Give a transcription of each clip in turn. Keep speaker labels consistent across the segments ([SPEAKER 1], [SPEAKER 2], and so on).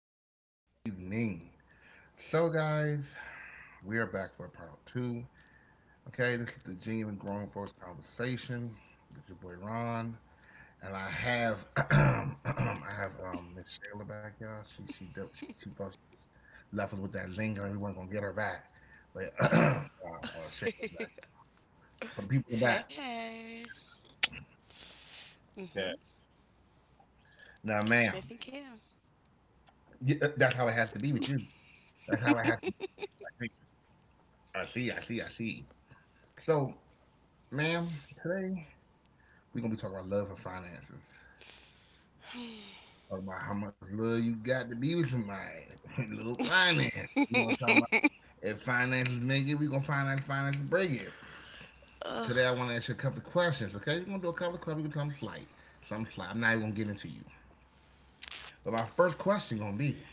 [SPEAKER 1] everybody. Good evening. So, guys, we are back for part two. Okay, this is the Genuine Grown Folks Conversation with your boy Ron, and I have, I have Miss Shayla back, y'all. She thought she was left us with that linger, and we weren't gonna get her back, but Shayla back for the people in the
[SPEAKER 2] Hey,
[SPEAKER 1] back.
[SPEAKER 2] hey. Mm-hmm.
[SPEAKER 1] Okay, now,
[SPEAKER 2] Catch me if
[SPEAKER 1] ma'am,
[SPEAKER 2] you can.
[SPEAKER 1] that's how it has to be with you. That's how it has to be. I see, I see. So. Ma'am, today we're gonna be talking about love and finances. Talk about how much love you got to be with somebody. Little finance. We're gonna talk about if finances make it, we're gonna find out if finances break it.
[SPEAKER 2] Ugh.
[SPEAKER 1] Today I wanna ask you a couple of questions, okay? We're gonna do a couple of questions, we're gonna do something slight. Something slight. I'm not even gonna get into you. But my first question gonna be,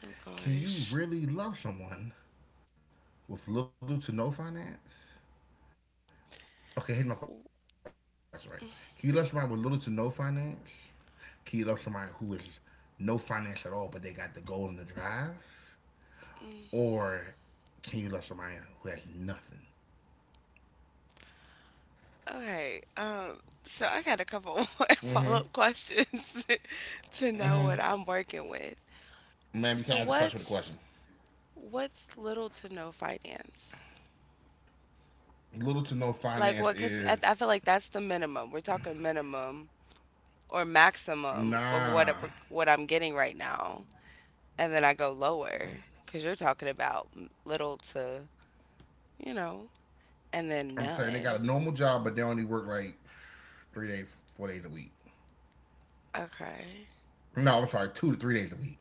[SPEAKER 2] Oh
[SPEAKER 1] can you
[SPEAKER 2] gosh.
[SPEAKER 1] really love someone with little to no finance? Okay, here's my question, right? Can you love somebody with little to no finance? Can you love somebody who is no finance at all, but they got the goal and the drive?
[SPEAKER 2] Mm.
[SPEAKER 1] Or can you love somebody who has nothing?
[SPEAKER 2] Okay. So I got a couple more follow-up questions to know what I'm working with.
[SPEAKER 1] Man, you can't
[SPEAKER 2] So
[SPEAKER 1] ask the question with a
[SPEAKER 2] what's
[SPEAKER 1] question.
[SPEAKER 2] what's little to no finance?
[SPEAKER 1] Little to no finance
[SPEAKER 2] Like what? Because
[SPEAKER 1] is
[SPEAKER 2] I feel like that's the minimum. We're talking minimum or maximum of
[SPEAKER 1] nah.
[SPEAKER 2] what I'm getting right now, and then I go lower because you're talking about little to you know And then
[SPEAKER 1] I'm saying they got a
[SPEAKER 2] none.
[SPEAKER 1] normal job, but they only work like 3 days, 4 days a week.
[SPEAKER 2] Okay.
[SPEAKER 1] No, I'm sorry, 2 to 3 days a week.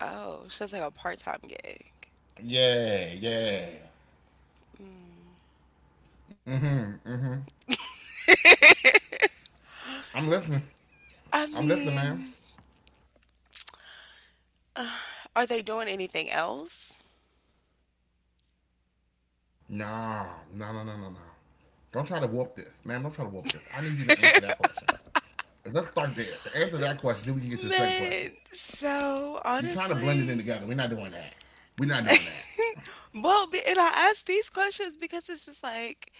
[SPEAKER 2] Oh, she's like a part-time gig.
[SPEAKER 1] Yeah, yeah.
[SPEAKER 2] Mm.
[SPEAKER 1] I'm listening.
[SPEAKER 2] I
[SPEAKER 1] I'm listening, man.
[SPEAKER 2] mean, are they doing anything else?
[SPEAKER 1] No, no. Don't try to whoop this, ma'am. Don't try to whoop this. I need you to answer that question. Let's start there. To answer that question, then we can get to the second
[SPEAKER 2] Man,
[SPEAKER 1] question. You're trying to blend
[SPEAKER 2] so
[SPEAKER 1] it in together. We're not doing
[SPEAKER 2] honestly,
[SPEAKER 1] that. We're not doing that.
[SPEAKER 2] well, and I ask these questions because it's just like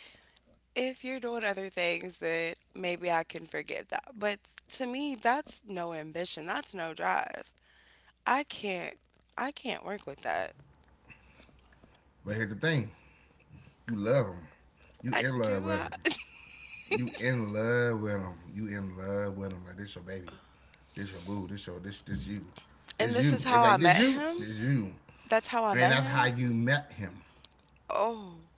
[SPEAKER 2] if you're doing other things, that maybe I can forgive that. But to me, that's no ambition. That's no drive. I can't. I can't work with that.
[SPEAKER 1] But here's the thing: you love him. You
[SPEAKER 2] I,
[SPEAKER 1] in
[SPEAKER 2] do
[SPEAKER 1] love with
[SPEAKER 2] I?
[SPEAKER 1] him. You in love with him. You in love with him. Like this your baby. This your boo. This your this this you.
[SPEAKER 2] And
[SPEAKER 1] This
[SPEAKER 2] this is
[SPEAKER 1] you. They be
[SPEAKER 2] how I
[SPEAKER 1] like this
[SPEAKER 2] met
[SPEAKER 1] you.
[SPEAKER 2] him.
[SPEAKER 1] This you.
[SPEAKER 2] That's how I
[SPEAKER 1] And
[SPEAKER 2] met
[SPEAKER 1] that's how
[SPEAKER 2] him?
[SPEAKER 1] you met him.
[SPEAKER 2] Oh,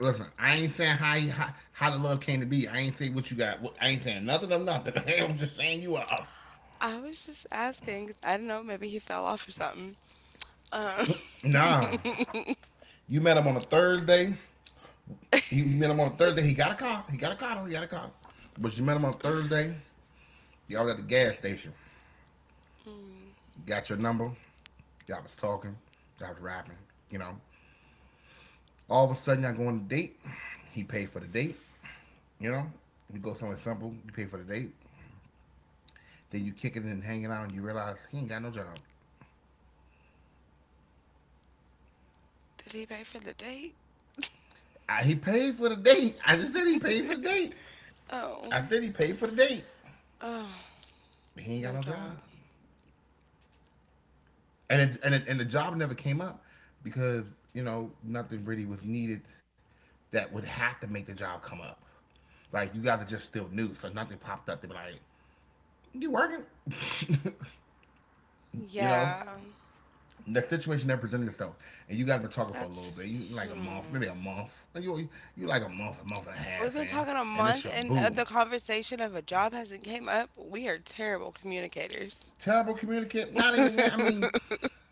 [SPEAKER 1] Listen, I ain't saying how how the love came to be. I ain't saying what you got. I ain't saying nothing of nothing. I'm just saying you are.
[SPEAKER 2] I was just asking 'cause I don't know, maybe he fell off or something. Um,
[SPEAKER 1] Nah, you met him on a Thursday. He you met him on a Thursday. He got a car. But you met him on a Thursday. Y'all was at the gas station.
[SPEAKER 2] Hmm.
[SPEAKER 1] Got your number. Y'all was talking. Y'all was rapping. You know. All of a sudden, y'all go on a date. He paid for the date. You know. You go somewhere simple. You pay for the date. Then you kick it and hanging out, and you realize he ain't got no job.
[SPEAKER 2] Did he pay for the date?
[SPEAKER 1] He paid for the date. I just said he paid for the date. I
[SPEAKER 2] Oh,
[SPEAKER 1] said he paid for the date.
[SPEAKER 2] oh,
[SPEAKER 1] But he ain't
[SPEAKER 2] no
[SPEAKER 1] got no
[SPEAKER 2] job.
[SPEAKER 1] job, and the job never came up because you know nothing really was needed that would have to make the job come up. Like you guys are just still new, so nothing popped up. They be like, "You working?" You know,
[SPEAKER 2] Yeah,
[SPEAKER 1] the situation that presented itself, and you guys been talking for a little
[SPEAKER 2] that's,
[SPEAKER 1] bit, you like a month, maybe
[SPEAKER 2] hmm.
[SPEAKER 1] a month. Like, You like a month and a
[SPEAKER 2] We've
[SPEAKER 1] half
[SPEAKER 2] been
[SPEAKER 1] in,
[SPEAKER 2] talking a
[SPEAKER 1] and it's
[SPEAKER 2] month
[SPEAKER 1] your
[SPEAKER 2] and
[SPEAKER 1] boo
[SPEAKER 2] the conversation of a job hasn't came up. We are terrible communicators.
[SPEAKER 1] terrible communicator. Not even that. I mean,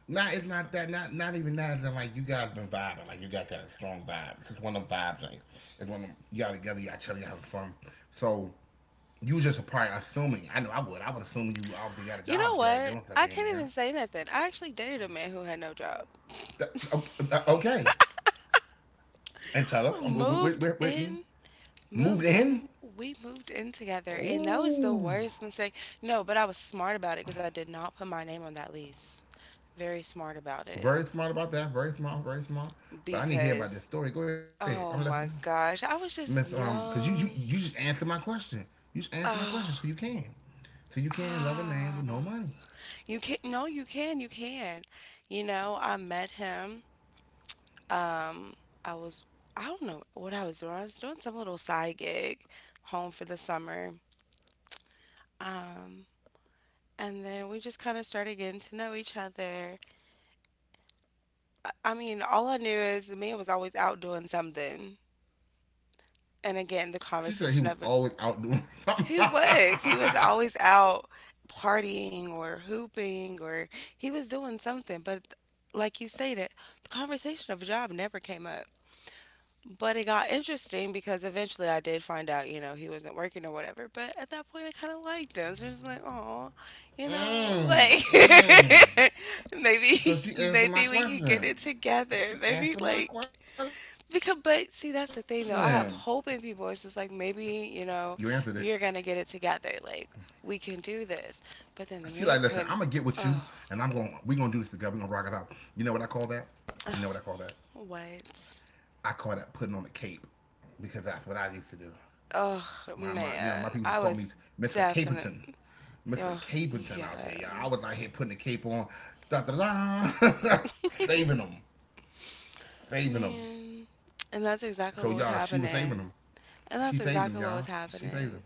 [SPEAKER 1] not it's not that. Not even that. That like you guys been vibing. Like you guys got a strong vibe because one of them vibes ain't. It's one of them y'all together. Y'all chilling. Y'all having fun. So you just are probably assuming. I know I would. I would assume you obviously got a
[SPEAKER 2] You
[SPEAKER 1] job
[SPEAKER 2] know
[SPEAKER 1] if you like
[SPEAKER 2] what?
[SPEAKER 1] doing stuff
[SPEAKER 2] I
[SPEAKER 1] here and
[SPEAKER 2] can't
[SPEAKER 1] there.
[SPEAKER 2] even say nothing. I actually dated a man who had no job.
[SPEAKER 1] Th- Okay, and tell us
[SPEAKER 2] Moved
[SPEAKER 1] we're waiting.
[SPEAKER 2] in
[SPEAKER 1] Moved
[SPEAKER 2] Moved
[SPEAKER 1] in.
[SPEAKER 2] in, we moved in together, and that was the
[SPEAKER 1] Ooh,
[SPEAKER 2] worst mistake. No, but I was smart about it because I did not put my name on that lease. Very smart about it
[SPEAKER 1] very smart about that. Very smart. Very smart. But I need to hear about this
[SPEAKER 2] because,
[SPEAKER 1] story. Go ahead. I'm
[SPEAKER 2] oh
[SPEAKER 1] listening.
[SPEAKER 2] my gosh, I was
[SPEAKER 1] Miss,
[SPEAKER 2] just
[SPEAKER 1] because you, you
[SPEAKER 2] young.
[SPEAKER 1] you just answered my question. You just answered my question,
[SPEAKER 2] Oh,
[SPEAKER 1] so you can. So you can love a man
[SPEAKER 2] ah,
[SPEAKER 1] with no money.
[SPEAKER 2] you can't. No, you can. You know, I met him. Um, I was, I don't know what I was doing. I was doing some little side gig, home for the summer. Um, and then we just kind of started getting to know each other. I mean, all I knew is the man was always out doing something. And again, the
[SPEAKER 1] She said he
[SPEAKER 2] conversation
[SPEAKER 1] was
[SPEAKER 2] of it.
[SPEAKER 1] always out doing something.
[SPEAKER 2] He was. He was always out partying or hooping or he was doing something. But like you stated, the conversation of a job never came up. But it got interesting because eventually I did find out, he wasn't working or whatever. But at that point, I kind of liked him. So I was like, oh,
[SPEAKER 1] mm, mm.
[SPEAKER 2] like maybe,
[SPEAKER 1] So she answered
[SPEAKER 2] maybe
[SPEAKER 1] my
[SPEAKER 2] we could get it
[SPEAKER 1] question.
[SPEAKER 2] together.
[SPEAKER 1] She
[SPEAKER 2] Maybe
[SPEAKER 1] answered my
[SPEAKER 2] like.
[SPEAKER 1] question.
[SPEAKER 2] Because, but see, that's the thing though. I have hope in
[SPEAKER 1] You
[SPEAKER 2] people. It's just
[SPEAKER 1] answered it.
[SPEAKER 2] like maybe, you know, you're gonna get it together. Like we can do
[SPEAKER 1] She like,
[SPEAKER 2] this.
[SPEAKER 1] listen, I'm gonna get
[SPEAKER 2] But then
[SPEAKER 1] with
[SPEAKER 2] the
[SPEAKER 1] you,
[SPEAKER 2] man
[SPEAKER 1] and
[SPEAKER 2] couldn't.
[SPEAKER 1] I'm gonna we
[SPEAKER 2] Oh,
[SPEAKER 1] gonna do this together. We gonna rock it out. You know what I call that? You know what I call that? I
[SPEAKER 2] what?
[SPEAKER 1] call that putting on a cape, because that's what I used to do.
[SPEAKER 2] Oh
[SPEAKER 1] My You know my people just
[SPEAKER 2] man,
[SPEAKER 1] call
[SPEAKER 2] I
[SPEAKER 1] me
[SPEAKER 2] was
[SPEAKER 1] Mr. Caperton.
[SPEAKER 2] definitely.
[SPEAKER 1] Mr.
[SPEAKER 2] Oh
[SPEAKER 1] Caperton out here,
[SPEAKER 2] yeah,
[SPEAKER 1] y'all. I was out here putting the cape on. Da da da saving them. Saving them.
[SPEAKER 2] man. And that's exactly
[SPEAKER 1] So
[SPEAKER 2] what was
[SPEAKER 1] y'all, she was saving
[SPEAKER 2] happening.
[SPEAKER 1] them.
[SPEAKER 2] And that's
[SPEAKER 1] She saved them,
[SPEAKER 2] exactly what was
[SPEAKER 1] y'all. She saved
[SPEAKER 2] happening.
[SPEAKER 1] them.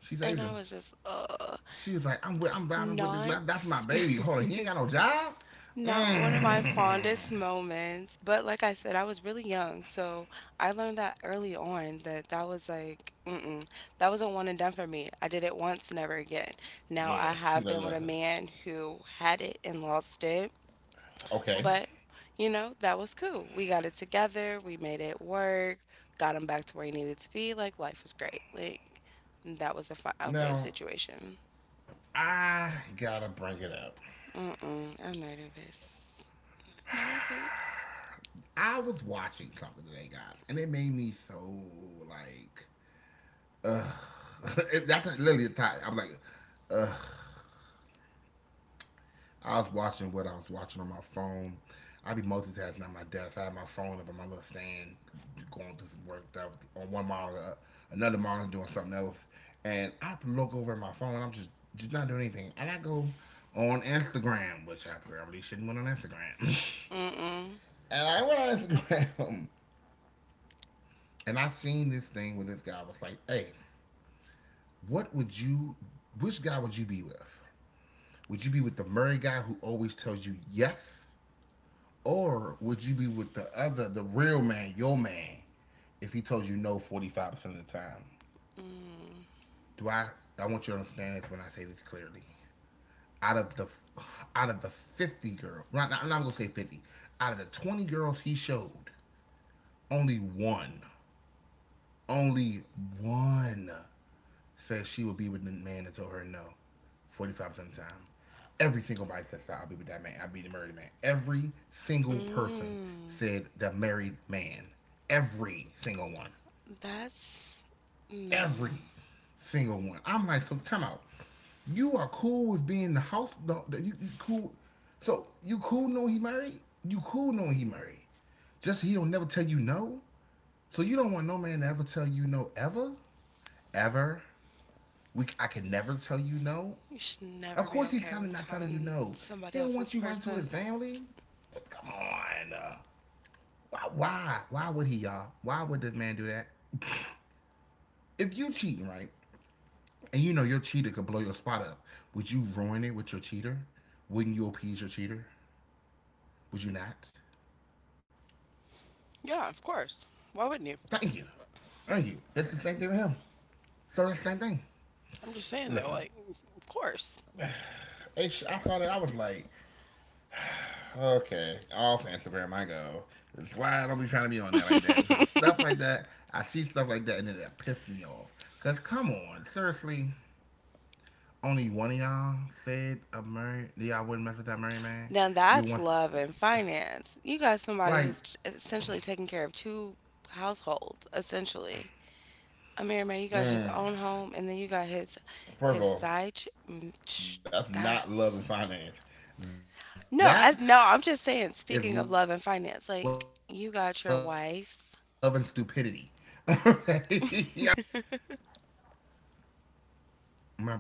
[SPEAKER 1] She
[SPEAKER 2] And
[SPEAKER 1] saved
[SPEAKER 2] I
[SPEAKER 1] them.
[SPEAKER 2] was just,
[SPEAKER 1] She was like, I'm riding with
[SPEAKER 2] not.
[SPEAKER 1] that's my baby. Hold on, he ain't got no job?
[SPEAKER 2] Not one of my
[SPEAKER 1] Mm.
[SPEAKER 2] fondest moments, but like I said, I was really young, so I learned that early on that that was like, mm-mm, that was a one and done for me. I did it once, never again. Now I
[SPEAKER 1] Yeah, she
[SPEAKER 2] have
[SPEAKER 1] like
[SPEAKER 2] been with a
[SPEAKER 1] listen.
[SPEAKER 2] man who had it and lost it,
[SPEAKER 1] Okay.
[SPEAKER 2] but that was cool. We got it together, we made it work, got him back to where he needed to be. Like life was great. Like that was a fun, okay
[SPEAKER 1] Now
[SPEAKER 2] situation.
[SPEAKER 1] I gotta bring it up.
[SPEAKER 2] Mm-mm, I'm nervous. Nervous.
[SPEAKER 1] I was watching something today, guys, and it made me so like that's literally a tie. I'm like, I was watching what I was watching on my phone. I be multitasking at my desk. I had my phone up on my little stand, going through some work stuff on one monitor, another monitor doing something else, and I look over at my phone, and I'm just not doing anything, and I go on Instagram, which I probably shouldn't went on Instagram.
[SPEAKER 2] Mm-mm.
[SPEAKER 1] And I went on Instagram, and I seen this thing where this guy was like, "Hey, what would you, which guy would you be with? Would you be with the Murray guy who always tells you yes? Or would you be with the other, the real man, your man, if he tells you no 45% of the time?"
[SPEAKER 2] Mm.
[SPEAKER 1] Do I, I want you to understand this when I say this clearly. Out of the, Out of the 50 girls, not, I'm not gonna say 50, out of the 20 girls he showed, only one, only one says she will be with the man that told her no 45% of the time. Every single body says, I'll be with that man. I'll be the married man. Every single person
[SPEAKER 2] Mm.
[SPEAKER 1] said the married man. Every single one.
[SPEAKER 2] That's no.
[SPEAKER 1] Every single one. I'm like, so time out. You are cool with being the house. You cool. So you cool knowing he married. You cool knowing he married. Just he don't never tell you no. So you don't want no man to ever tell you no ever, ever. We I can never tell you no.
[SPEAKER 2] You should
[SPEAKER 1] Of
[SPEAKER 2] never be
[SPEAKER 1] course, he's
[SPEAKER 2] okay
[SPEAKER 1] telling
[SPEAKER 2] with
[SPEAKER 1] not telling you
[SPEAKER 2] having
[SPEAKER 1] no. He
[SPEAKER 2] somebody
[SPEAKER 1] don't
[SPEAKER 2] else's
[SPEAKER 1] want you running to
[SPEAKER 2] person.
[SPEAKER 1] his family. Come on, why would he, y'all? Why would this man do that? If you cheating, right, and you know your cheater could blow your spot up, would you ruin it with your cheater? Wouldn't you appease your cheater? Would you not?
[SPEAKER 2] Yeah, of course. Why wouldn't you?
[SPEAKER 1] Thank you, thank you. That's the same thing with him. So that's the same thing.
[SPEAKER 2] I'm just saying though,
[SPEAKER 1] Listen,
[SPEAKER 2] like, of course.
[SPEAKER 1] I thought that I was like, okay, off Instagram I go. That's why I don't be trying to be on there like that because I see stuff like that and then that pissed me off. Cause come on, seriously, only one of y'all said a Murray. Y'all wouldn't mess with that Murray man.
[SPEAKER 2] Now
[SPEAKER 1] You
[SPEAKER 2] that's
[SPEAKER 1] want
[SPEAKER 2] love and finance. You got somebody
[SPEAKER 1] like
[SPEAKER 2] who's essentially taking care of two households, essentially. I mean, man, you got his own home, and then you got his
[SPEAKER 1] First of
[SPEAKER 2] his
[SPEAKER 1] all,
[SPEAKER 2] side.
[SPEAKER 1] that's not love and finance.
[SPEAKER 2] That's.
[SPEAKER 1] That
[SPEAKER 2] No, I,
[SPEAKER 1] is
[SPEAKER 2] no,
[SPEAKER 1] love and
[SPEAKER 2] I'm just saying,
[SPEAKER 1] stupidity.
[SPEAKER 2] speaking of love and finance,
[SPEAKER 1] Okay,
[SPEAKER 2] like
[SPEAKER 1] I want
[SPEAKER 2] you
[SPEAKER 1] y'all to
[SPEAKER 2] got your
[SPEAKER 1] understand that
[SPEAKER 2] wife
[SPEAKER 1] clearly. That is love and stupidity. My boy,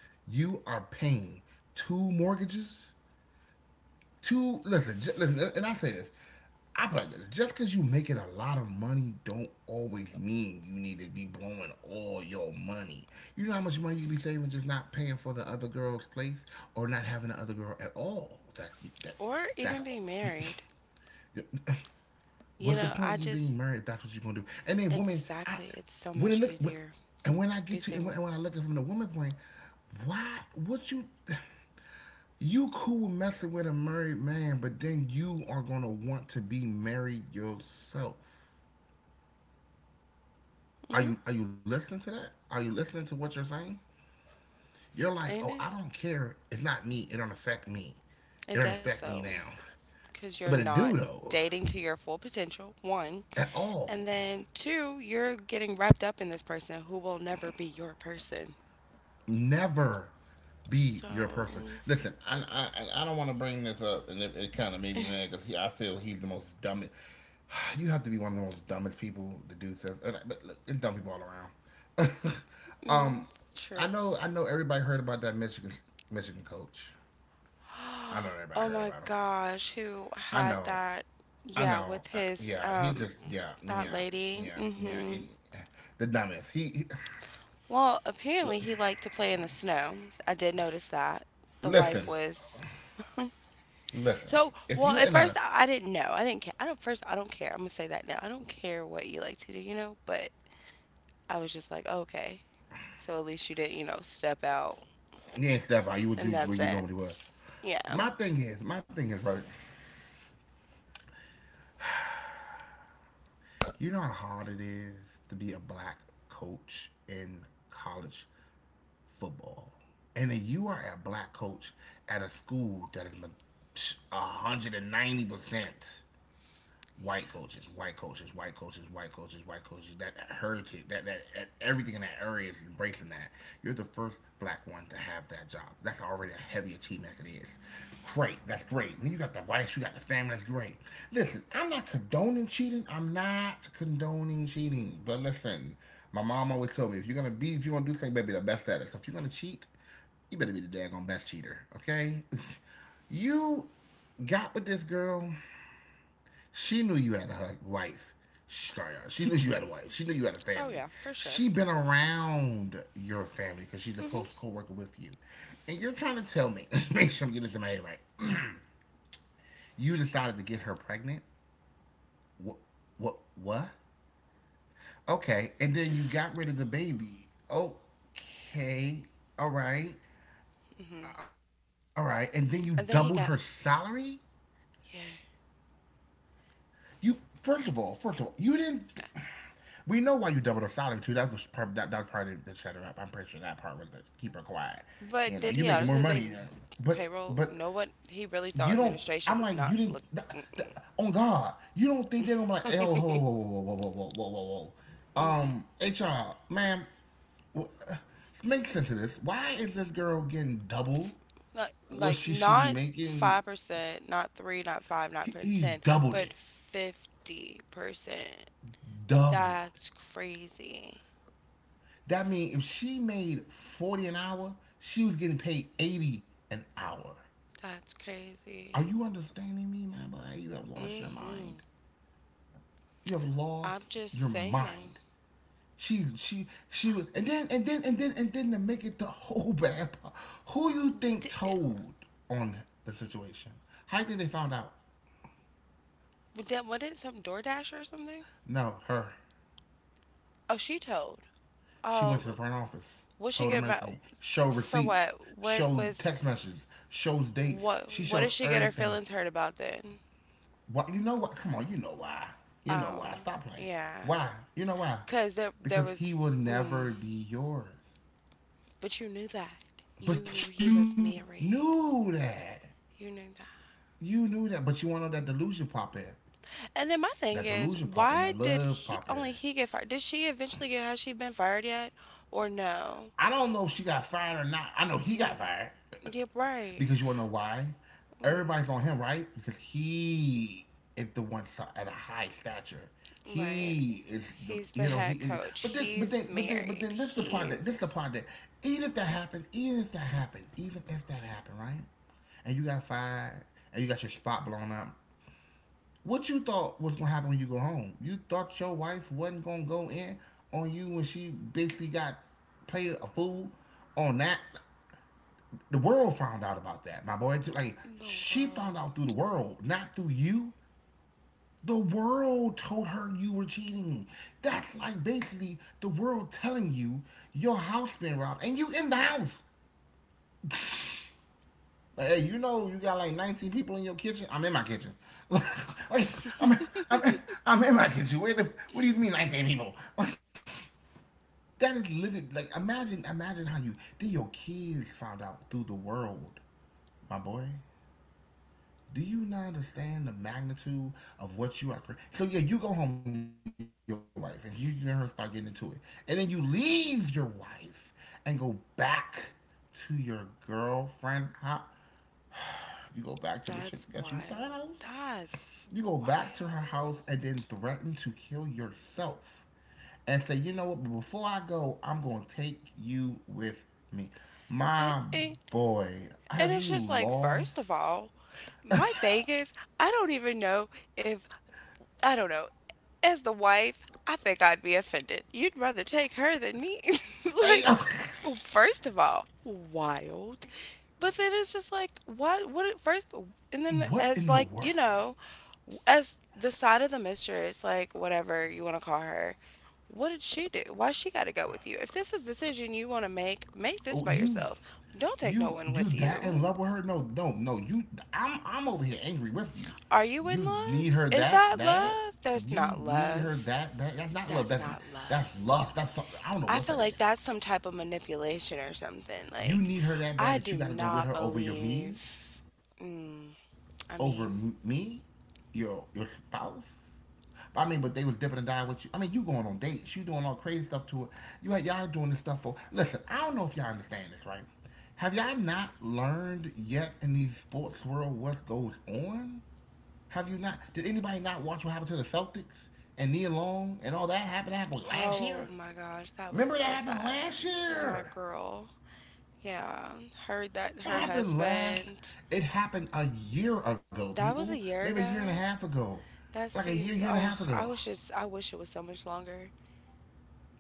[SPEAKER 1] you are paying two mortgages. Two Listen, listen and I say this. I put it like this, just because you making a lot of money don't always mean you need to be blowing all your money. You know how much money you be saving just not paying for the other girl's place or not having the other girl at all. That
[SPEAKER 2] or
[SPEAKER 1] that
[SPEAKER 2] even being married.
[SPEAKER 1] that's
[SPEAKER 2] You
[SPEAKER 1] What's the
[SPEAKER 2] know,
[SPEAKER 1] point
[SPEAKER 2] I
[SPEAKER 1] of you being
[SPEAKER 2] just,
[SPEAKER 1] married if that's what you're gonna do? And then women, I
[SPEAKER 2] exactly, it's so
[SPEAKER 1] when it
[SPEAKER 2] much
[SPEAKER 1] look when,
[SPEAKER 2] easier
[SPEAKER 1] and when I
[SPEAKER 2] be
[SPEAKER 1] get to
[SPEAKER 2] single.
[SPEAKER 1] and when I look at it from the woman point, why what you cool messing with a married man, but then you are gonna want to be married yourself.
[SPEAKER 2] Hmm.
[SPEAKER 1] Are you listening to that? Are you listening to what you're saying? You're like, oh,
[SPEAKER 2] Ain't
[SPEAKER 1] I
[SPEAKER 2] it?
[SPEAKER 1] don't care. It's not me. It don't affect me. It
[SPEAKER 2] It
[SPEAKER 1] don't
[SPEAKER 2] does
[SPEAKER 1] affect me
[SPEAKER 2] though,
[SPEAKER 1] now.
[SPEAKER 2] because you're
[SPEAKER 1] But it
[SPEAKER 2] not
[SPEAKER 1] do though
[SPEAKER 2] dating to your full potential, one.
[SPEAKER 1] at
[SPEAKER 2] And
[SPEAKER 1] all.
[SPEAKER 2] then two, you're getting wrapped up in this person who will never be your person.
[SPEAKER 1] Never be your
[SPEAKER 2] So,
[SPEAKER 1] person. Listen, I don't want to bring this up, and it kind of made me mad because I feel he's the most dumbest. You have to be one of the most dumbest people to do stuff. But look, it's dumb people all around.
[SPEAKER 2] mm,
[SPEAKER 1] um,
[SPEAKER 2] true.
[SPEAKER 1] I know everybody heard about that Michigan coach. I know everybody
[SPEAKER 2] Oh
[SPEAKER 1] heard
[SPEAKER 2] my
[SPEAKER 1] about him.
[SPEAKER 2] gosh, who
[SPEAKER 1] I
[SPEAKER 2] had
[SPEAKER 1] know.
[SPEAKER 2] that?
[SPEAKER 1] I
[SPEAKER 2] Yeah,
[SPEAKER 1] know.
[SPEAKER 2] with
[SPEAKER 1] I,
[SPEAKER 2] his
[SPEAKER 1] yeah, he
[SPEAKER 2] um
[SPEAKER 1] just yeah
[SPEAKER 2] That
[SPEAKER 1] yeah
[SPEAKER 2] lady.
[SPEAKER 1] yeah yeah. It,
[SPEAKER 2] Hmm.
[SPEAKER 1] the dumbest. He
[SPEAKER 2] Well, apparently
[SPEAKER 1] look,
[SPEAKER 2] he liked to play in the snow. I did notice that. The wife
[SPEAKER 1] listen
[SPEAKER 2] was
[SPEAKER 1] listen.
[SPEAKER 2] so
[SPEAKER 1] If
[SPEAKER 2] well.
[SPEAKER 1] you're
[SPEAKER 2] At
[SPEAKER 1] in a...
[SPEAKER 2] first, I didn't know. I didn't care. I don't. First, I don't care. I'm gonna say that now. I don't care what you like to do, you know. But I was just like, okay. So at least you didn't, step out
[SPEAKER 1] You ain't step out. You would do
[SPEAKER 2] in that
[SPEAKER 1] where you normally would.
[SPEAKER 2] sense. Yeah.
[SPEAKER 1] My thing is, right? You know how hard it is to be a black coach in college football, and then you are a black coach at a school that is 190% white coaches. That heritage, that, that everything in that area is embracing that. You're the first black one to have that job. That's already a heavy achievement. As it is great. That's great. And you got the wife, you got the family. That's great. Listen, I'm not condoning cheating. I'm not condoning cheating. But listen, my mom always told me if you're gonna be, if you wanna do something, better be the best at it. So if you're gonna cheat, you better be the daggone best cheater. Okay, you got with this girl, she knew you had a wife. Sorry, she knew you had a wife. She knew you had a
[SPEAKER 2] Oh
[SPEAKER 1] family.
[SPEAKER 2] yeah, for sure.
[SPEAKER 1] She been around your family because she's a
[SPEAKER 2] Mhm.
[SPEAKER 1] close co-worker with you. And you're trying to tell me, make sure I'm getting this in my head right. You decided to get her pregnant? What? What? What? Okay, and then you got rid of the baby. Okay, all right,
[SPEAKER 2] Mhm.
[SPEAKER 1] all right, and then you
[SPEAKER 2] And then he
[SPEAKER 1] doubled
[SPEAKER 2] got
[SPEAKER 1] her salary.
[SPEAKER 2] yeah.
[SPEAKER 1] You first of all, you didn't. We know why you doubled her salary too. That was part. That was part of that set her up. I'm pretty sure that part was to keep her quiet.
[SPEAKER 2] But
[SPEAKER 1] You know,
[SPEAKER 2] did
[SPEAKER 1] you
[SPEAKER 2] he
[SPEAKER 1] making more
[SPEAKER 2] honestly
[SPEAKER 1] money,
[SPEAKER 2] think
[SPEAKER 1] but
[SPEAKER 2] payroll?
[SPEAKER 1] but
[SPEAKER 2] No one. He really thought
[SPEAKER 1] you don't.
[SPEAKER 2] administration
[SPEAKER 1] I'm
[SPEAKER 2] was
[SPEAKER 1] like
[SPEAKER 2] not
[SPEAKER 1] you didn't.
[SPEAKER 2] look.
[SPEAKER 1] On God, you don't think they're gonna be like, oh,
[SPEAKER 2] Mm-mm.
[SPEAKER 1] whoa. HR, ma'am, uh, make sense of this. Why is this girl getting double
[SPEAKER 2] Like,
[SPEAKER 1] what
[SPEAKER 2] like
[SPEAKER 1] she should be
[SPEAKER 2] not
[SPEAKER 1] making?
[SPEAKER 2] 5%, not 3, not 5, not
[SPEAKER 1] He, he
[SPEAKER 2] 10,
[SPEAKER 1] doubled
[SPEAKER 2] but
[SPEAKER 1] it,
[SPEAKER 2] 50%.
[SPEAKER 1] doubled.
[SPEAKER 2] That's crazy.
[SPEAKER 1] That means if she made 40 an hour, she was getting paid 80 an hour.
[SPEAKER 2] That's
[SPEAKER 1] Are
[SPEAKER 2] crazy.
[SPEAKER 1] you understanding me, my boy? You have lost your mind.
[SPEAKER 2] Mhm.
[SPEAKER 1] You have lost
[SPEAKER 2] I'm just
[SPEAKER 1] your
[SPEAKER 2] saying.
[SPEAKER 1] mind. She was and then to make it the whole bad part. Who you think
[SPEAKER 2] Did,
[SPEAKER 1] told on the situation? How do you think they found out?
[SPEAKER 2] what did some DoorDash or something?
[SPEAKER 1] No, her.
[SPEAKER 2] Oh, she told.
[SPEAKER 1] She went to the
[SPEAKER 2] Oh,
[SPEAKER 1] front office,
[SPEAKER 2] what she
[SPEAKER 1] told them
[SPEAKER 2] get mad
[SPEAKER 1] everything, showed
[SPEAKER 2] for?
[SPEAKER 1] receipts,
[SPEAKER 2] What? What
[SPEAKER 1] showed text
[SPEAKER 2] was?
[SPEAKER 1] messages, shows dates.
[SPEAKER 2] What?
[SPEAKER 1] She
[SPEAKER 2] What
[SPEAKER 1] showed
[SPEAKER 2] did she get her
[SPEAKER 1] everything.
[SPEAKER 2] feelings hurt about then?
[SPEAKER 1] What you know what? Come on, you know why. You know
[SPEAKER 2] Oh,
[SPEAKER 1] why. Stop playing.
[SPEAKER 2] yeah.
[SPEAKER 1] Why? You know why?
[SPEAKER 2] Cause there
[SPEAKER 1] Because
[SPEAKER 2] was.
[SPEAKER 1] he will
[SPEAKER 2] Mm.
[SPEAKER 1] never be yours.
[SPEAKER 2] But you knew that. You knew he
[SPEAKER 1] But
[SPEAKER 2] was
[SPEAKER 1] you
[SPEAKER 2] married.
[SPEAKER 1] knew that.
[SPEAKER 2] You knew that.
[SPEAKER 1] You knew that. But you want to know that delusion pop in.
[SPEAKER 2] And then my thing
[SPEAKER 1] That
[SPEAKER 2] is,
[SPEAKER 1] delusion pop in.
[SPEAKER 2] why
[SPEAKER 1] That
[SPEAKER 2] did
[SPEAKER 1] love
[SPEAKER 2] he
[SPEAKER 1] pop in.
[SPEAKER 2] only he get fired? Did she eventually get? Has she been fired yet, or no?
[SPEAKER 1] I don't know if she got fired or not. I know he got
[SPEAKER 2] Mm.
[SPEAKER 1] fired
[SPEAKER 2] Yeah, right.
[SPEAKER 1] because you want to know why.
[SPEAKER 2] Mm.
[SPEAKER 1] Everybody's on him, right? Because he is the one at a high stature.
[SPEAKER 2] Right.
[SPEAKER 1] He is the
[SPEAKER 2] He's the
[SPEAKER 1] you know
[SPEAKER 2] head
[SPEAKER 1] he. In the,
[SPEAKER 2] coach.
[SPEAKER 1] but then but
[SPEAKER 2] He's
[SPEAKER 1] then but then but
[SPEAKER 2] married.
[SPEAKER 1] then this is the part that this is the
[SPEAKER 2] He's
[SPEAKER 1] part that even if that happened, even if that happened, right? And you got fired, and you got your spot blown up. What you thought was gonna happen when you go home? You thought your wife wasn't gonna go in on you when she basically got played a fool on that. The world found out about that, my boy. Like
[SPEAKER 2] the
[SPEAKER 1] she found out through the
[SPEAKER 2] world.
[SPEAKER 1] world, not through you. The world told her you were cheating. That's like basically the world telling you your house been robbed and you in the house. Like, hey, you know you got like 19 people in your kitchen. I'm in my kitchen. like, I'm, I'm, I'm in my kitchen. Wait, what do you mean 19 people? that is literally like imagine how you then your kids found out through the world, my boy. Do you not understand the magnitude of what you are? So yeah, you go home to your wife and you and her start getting into it, and then you leave your wife and go back to your girlfriend. How you go back to the chick that got you
[SPEAKER 2] That's
[SPEAKER 1] fired house?
[SPEAKER 2] wild. That's
[SPEAKER 1] You go back to her house
[SPEAKER 2] wild.
[SPEAKER 1] and then threaten to kill yourself and say, you know what, before I go, I'm going to take you with me.
[SPEAKER 2] Eh,
[SPEAKER 1] My
[SPEAKER 2] eh.
[SPEAKER 1] boy,
[SPEAKER 2] And
[SPEAKER 1] have
[SPEAKER 2] it's
[SPEAKER 1] you
[SPEAKER 2] just like, first
[SPEAKER 1] lost?
[SPEAKER 2] of all, my thing is, I don't even know if, I don't know, as the wife, I think I'd be offended. You'd rather take her than me.
[SPEAKER 1] Hey,
[SPEAKER 2] Like, first of all, wild. But then it's just like, first, and then
[SPEAKER 1] what
[SPEAKER 2] as
[SPEAKER 1] in the
[SPEAKER 2] like,
[SPEAKER 1] world?
[SPEAKER 2] you know, as the side of the mistress, like, whatever you want to call her, what did she do? Why she got to go with you? If this is a decision you want to make, make this
[SPEAKER 1] Oh,
[SPEAKER 2] by yourself. Don't take no one
[SPEAKER 1] you
[SPEAKER 2] with
[SPEAKER 1] that in
[SPEAKER 2] you.
[SPEAKER 1] love with her? No, no, no. I'm over here angry with you.
[SPEAKER 2] Are you in
[SPEAKER 1] You need
[SPEAKER 2] love?
[SPEAKER 1] her
[SPEAKER 2] Is
[SPEAKER 1] that
[SPEAKER 2] that
[SPEAKER 1] bad?
[SPEAKER 2] love? There's
[SPEAKER 1] You
[SPEAKER 2] not
[SPEAKER 1] need her
[SPEAKER 2] love.
[SPEAKER 1] that bad? That's not love.
[SPEAKER 2] That's not love.
[SPEAKER 1] That's lust. That's something. I don't know
[SPEAKER 2] I
[SPEAKER 1] what
[SPEAKER 2] feel
[SPEAKER 1] that
[SPEAKER 2] like
[SPEAKER 1] is.
[SPEAKER 2] that's some type of manipulation or something.
[SPEAKER 1] You
[SPEAKER 2] Like,
[SPEAKER 1] need her that
[SPEAKER 2] I
[SPEAKER 1] bad that
[SPEAKER 2] do
[SPEAKER 1] you got to go with
[SPEAKER 2] not
[SPEAKER 1] her over your me,
[SPEAKER 2] believe.
[SPEAKER 1] over
[SPEAKER 2] Mm, I
[SPEAKER 1] me,
[SPEAKER 2] mean,
[SPEAKER 1] your spouse. I mean, but they was dipping and dying with you. I mean, you going on dates, you doing all crazy stuff to it. You had y'all doing this stuff for. Listen, I don't know if y'all understand this, right? Have y'all not learned yet in the sports world what goes on? Have you not? Did anybody not watch what happened to the Celtics and Nia Long and all that happened? That happened last
[SPEAKER 2] oh
[SPEAKER 1] year.
[SPEAKER 2] my gosh, that was
[SPEAKER 1] Remember that
[SPEAKER 2] so
[SPEAKER 1] happened
[SPEAKER 2] sad.
[SPEAKER 1] last
[SPEAKER 2] My
[SPEAKER 1] year.
[SPEAKER 2] girl. Yeah, heard that
[SPEAKER 1] That
[SPEAKER 2] her
[SPEAKER 1] happened last.
[SPEAKER 2] husband.
[SPEAKER 1] It happened a year ago,
[SPEAKER 2] That
[SPEAKER 1] people.
[SPEAKER 2] was a year
[SPEAKER 1] Maybe a year and a
[SPEAKER 2] ago.
[SPEAKER 1] half ago.
[SPEAKER 2] That
[SPEAKER 1] Like a year,
[SPEAKER 2] seems.
[SPEAKER 1] year and a half
[SPEAKER 2] Oh, I
[SPEAKER 1] ago.
[SPEAKER 2] wish it's. I wish it was so much longer.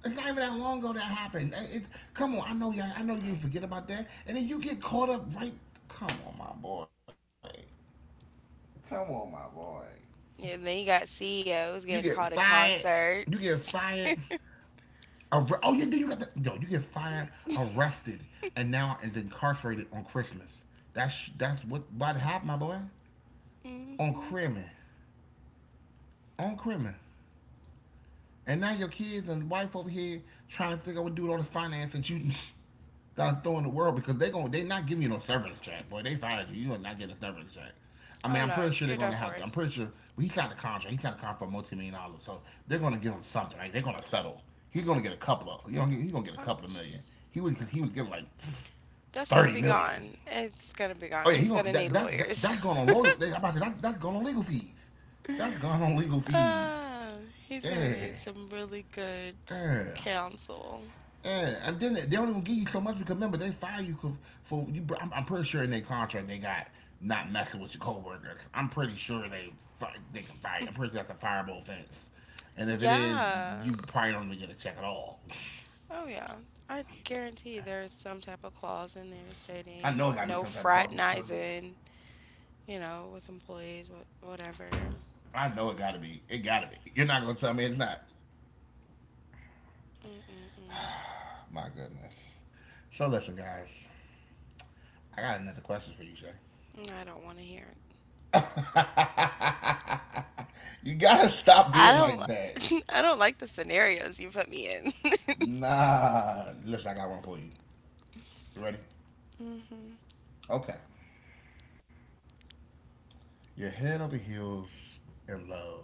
[SPEAKER 1] It's not even that long ago that happened. Come on, I know y'all. I know you
[SPEAKER 2] Oh,
[SPEAKER 1] forget about that, and then you get caught up right. Come on, my boy. Come on, my boy.
[SPEAKER 2] yeah. Then you got
[SPEAKER 1] You get
[SPEAKER 2] CEOs getting called to
[SPEAKER 1] fired. You get
[SPEAKER 2] concerts.
[SPEAKER 1] fired. Oh yeah, then you got the yo. You get fired, arrested, and now is incarcerated on Christmas. That's what happened, my boy. On
[SPEAKER 2] Mm-hmm.
[SPEAKER 1] Christmas. On Christmas. And now your kids and wife over here trying to figure out what to do with all this finance that you got throwing the world because they going to they not giving you no severance check, boy. They fired you. You are not getting a severance check. I mean,
[SPEAKER 2] Oh
[SPEAKER 1] I'm
[SPEAKER 2] no,
[SPEAKER 1] pretty sure they're
[SPEAKER 2] you're done
[SPEAKER 1] gonna have
[SPEAKER 2] for.
[SPEAKER 1] to. I'm pretty sure well, he signed a contract. He signed a contract for multi-million dollars, so they're gonna give him something. Right? They're gonna settle. He's gonna get a couple of. You know, he's gonna get a
[SPEAKER 2] Um,
[SPEAKER 1] couple of million. He was getting like
[SPEAKER 2] that's gonna
[SPEAKER 1] thirty
[SPEAKER 2] be
[SPEAKER 1] million.
[SPEAKER 2] gone. It's gonna be gone.
[SPEAKER 1] Oh yeah, he
[SPEAKER 2] He's
[SPEAKER 1] gonna
[SPEAKER 2] gonna need lawyers.
[SPEAKER 1] that's going on legal. I'm about to, that's going on legal fees. That's going on legal fees.
[SPEAKER 2] Ah, he's gonna
[SPEAKER 1] Yeah,
[SPEAKER 2] need some really good
[SPEAKER 1] yeah.
[SPEAKER 2] counsel.
[SPEAKER 1] Yeah, and then they don't even give you so much because remember they fire you for, you. I'm pretty sure in their contract they got not messing with your coworkers. I'm pretty sure they can fire you. I'm pretty sure that's a fireable offense. And if it is,
[SPEAKER 2] Yeah.
[SPEAKER 1] you probably don't even get a check at all.
[SPEAKER 2] Oh yeah. I guarantee there's some type of clause in there
[SPEAKER 1] I
[SPEAKER 2] stating
[SPEAKER 1] know it got to be
[SPEAKER 2] no
[SPEAKER 1] some type of clause.
[SPEAKER 2] fraternizing, with employees, whatever.
[SPEAKER 1] I know it got to be. It got to be. You're not gonna tell me it's not.
[SPEAKER 2] Mm-mm-mm.
[SPEAKER 1] My goodness. So listen, guys, I got another question for you, Shay.
[SPEAKER 2] I don't want to hear it.
[SPEAKER 1] you gotta stop
[SPEAKER 2] I
[SPEAKER 1] being
[SPEAKER 2] don't.
[SPEAKER 1] like that.
[SPEAKER 2] I don't like the scenarios you put me in.
[SPEAKER 1] Nah, listen, I got one for you. You ready?
[SPEAKER 2] Hmm.
[SPEAKER 1] Okay. You're head over heels in love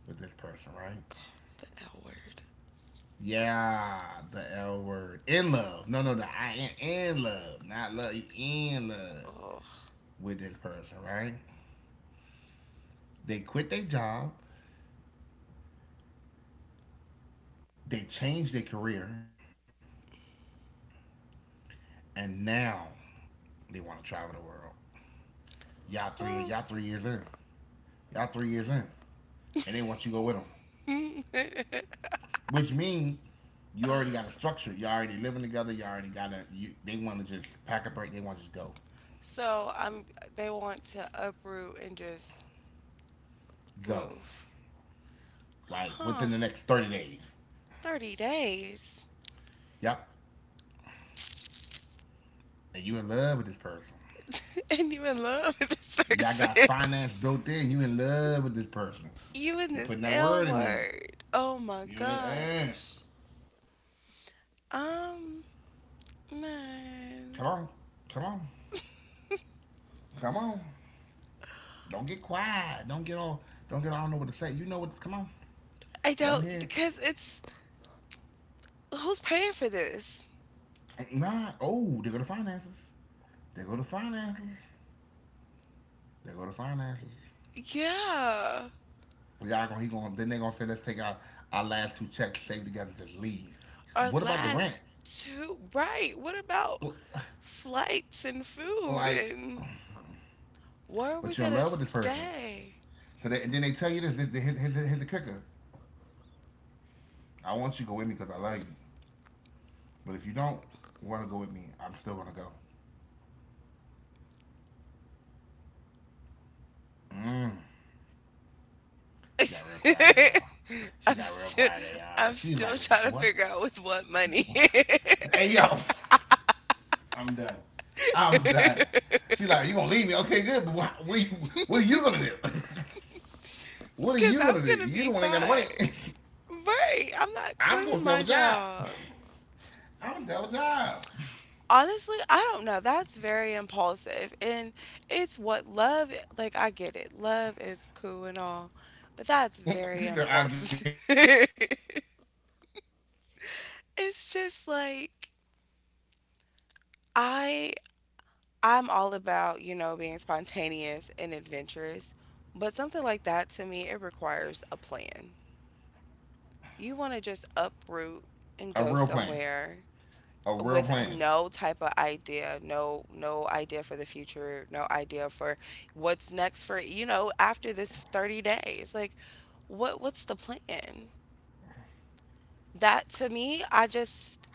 [SPEAKER 1] with this person, right?
[SPEAKER 2] The L word.
[SPEAKER 1] Yeah, the L word. In love. No, no, no. I am in love. Not love. You in love
[SPEAKER 2] Oh.
[SPEAKER 1] with this person, right? They quit their job, they changed their career, and now they want to travel the world.
[SPEAKER 2] Huh?
[SPEAKER 1] Y'all 3 years in. Y'all 3 years in. And they want you to go with them. Which means you already got a structure. You're already living together. You already got a. You, they want to just pack up right. They want to just go,
[SPEAKER 2] so I'm they want to uproot and just
[SPEAKER 1] go
[SPEAKER 2] move.
[SPEAKER 1] like
[SPEAKER 2] Huh.
[SPEAKER 1] within the next 30 days.
[SPEAKER 2] 30 days.
[SPEAKER 1] Yep, and you in love with this person.
[SPEAKER 2] And you in love with this
[SPEAKER 1] Y'all got
[SPEAKER 2] person.
[SPEAKER 1] finance built in. You in love with this person.
[SPEAKER 2] You in
[SPEAKER 1] Keep
[SPEAKER 2] this
[SPEAKER 1] putting that
[SPEAKER 2] L
[SPEAKER 1] word in there.
[SPEAKER 2] word. Oh my
[SPEAKER 1] You in eh.
[SPEAKER 2] gosh. Um
[SPEAKER 1] Come on, come
[SPEAKER 2] man.
[SPEAKER 1] on, come on. Don't get quiet. Don't get all. Don't get all. I don't know what to say. You know what? Come on.
[SPEAKER 2] I
[SPEAKER 1] Let them hear.
[SPEAKER 2] don't because it's who's paying for this?
[SPEAKER 1] It. Nah. Oh, they go to finances. They go to finances. They go to finances.
[SPEAKER 2] Yeah.
[SPEAKER 1] Y'all gonna he gonna Then they gonna say, let's take our last two checks, save together, just leave.
[SPEAKER 2] Our
[SPEAKER 1] What about the rent?
[SPEAKER 2] last two right. What about flights and food
[SPEAKER 1] Like,
[SPEAKER 2] and where are we
[SPEAKER 1] but you're in
[SPEAKER 2] gonna
[SPEAKER 1] love with this person.
[SPEAKER 2] stay?
[SPEAKER 1] So, and then they tell you this, they hit the kicker. I want you to go with me because I love you. But if you don't want to go with me, I'm still gonna go. Mm. She got real quiet there, y'all. She
[SPEAKER 2] I'm
[SPEAKER 1] got real
[SPEAKER 2] still
[SPEAKER 1] quiet there, y'all.
[SPEAKER 2] I'm
[SPEAKER 1] She's
[SPEAKER 2] still
[SPEAKER 1] like,
[SPEAKER 2] trying to
[SPEAKER 1] what?
[SPEAKER 2] figure out with what money.
[SPEAKER 1] What? Hey, yo, I'm done. I'm done. She like, you gonna leave me? Okay, good. But why, what are you gonna do? What are
[SPEAKER 2] Cause
[SPEAKER 1] you
[SPEAKER 2] I'm
[SPEAKER 1] gonna do?
[SPEAKER 2] gonna
[SPEAKER 1] You
[SPEAKER 2] be
[SPEAKER 1] don't ain't got no money.
[SPEAKER 2] fine. Right. I'm not
[SPEAKER 1] I'm
[SPEAKER 2] quitting
[SPEAKER 1] gonna have
[SPEAKER 2] my
[SPEAKER 1] a job.
[SPEAKER 2] job.
[SPEAKER 1] I'm gonna have a job.
[SPEAKER 2] Honestly, I don't know. That's very impulsive. And it's what love like I get it. Love is cool and all. But that's very
[SPEAKER 1] I get
[SPEAKER 2] impulsive.
[SPEAKER 1] it.
[SPEAKER 2] It's just like I I'm all about, being spontaneous and adventurous, but something like that to me, it requires a plan. You want to just uproot and
[SPEAKER 1] A
[SPEAKER 2] go
[SPEAKER 1] real plan.
[SPEAKER 2] somewhere
[SPEAKER 1] A real
[SPEAKER 2] with
[SPEAKER 1] plan.
[SPEAKER 2] no type of idea, no idea for the future, no idea for what's next for, after this 30 days. Like what's the plan? That to me, I just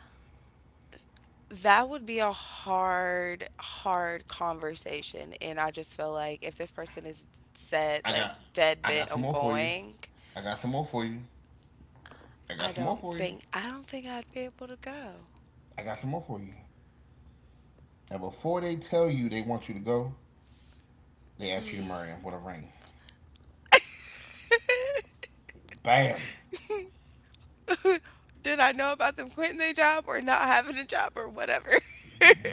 [SPEAKER 2] That would be a hard, hard conversation. And I just feel like if this person is set,
[SPEAKER 1] I
[SPEAKER 2] like
[SPEAKER 1] got
[SPEAKER 2] dead
[SPEAKER 1] I got
[SPEAKER 2] bent
[SPEAKER 1] some
[SPEAKER 2] on
[SPEAKER 1] more for you.
[SPEAKER 2] going,
[SPEAKER 1] I got some more for you. I
[SPEAKER 2] I
[SPEAKER 1] got some more
[SPEAKER 2] don't
[SPEAKER 1] for you.
[SPEAKER 2] think I don't think I'd be able to go.
[SPEAKER 1] I got some more for you. And before they tell you they want you to go, they ask you to marry them with a ring. Bam.
[SPEAKER 2] Did I know about them quitting their job or not having a job or whatever?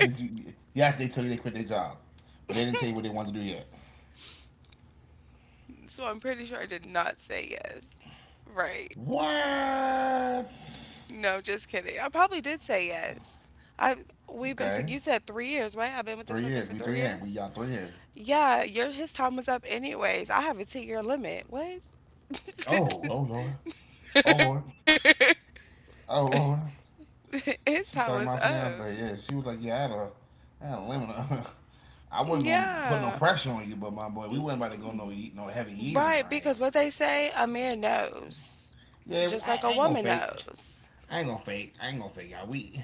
[SPEAKER 1] Did you, yes, they tell you they quit their job, but they didn't tell you what they wanted to do yet.
[SPEAKER 2] So I'm pretty sure I did not say yes. Right.
[SPEAKER 1] What?
[SPEAKER 2] No, just kidding. I probably did say yes. I we've been to
[SPEAKER 1] Okay.
[SPEAKER 2] you said 3 years, right? I've been with this
[SPEAKER 1] Three
[SPEAKER 2] person
[SPEAKER 1] years.
[SPEAKER 2] for
[SPEAKER 1] We
[SPEAKER 2] three
[SPEAKER 1] three in. We
[SPEAKER 2] years.
[SPEAKER 1] y'all three in.
[SPEAKER 2] Yeah, your his time was up anyways. I have a 2 year limit. What?
[SPEAKER 1] Oh, oh Lord, oh Lord, oh Lord.
[SPEAKER 2] His time was
[SPEAKER 1] She's like, my
[SPEAKER 2] up.
[SPEAKER 1] fiance. Yeah, she was like, yeah, I had a limit. I wasn't gonna put no
[SPEAKER 2] Yeah.
[SPEAKER 1] pressure on you, but my boy, we wasn't about to go no no heavy years
[SPEAKER 2] Right,
[SPEAKER 1] or anything.
[SPEAKER 2] because what they say, a man knows.
[SPEAKER 1] Yeah,
[SPEAKER 2] Just
[SPEAKER 1] I,
[SPEAKER 2] like a
[SPEAKER 1] I ain't gonna
[SPEAKER 2] woman
[SPEAKER 1] fake.
[SPEAKER 2] knows.
[SPEAKER 1] I ain't gonna fake. I ain't gonna fake, y'all.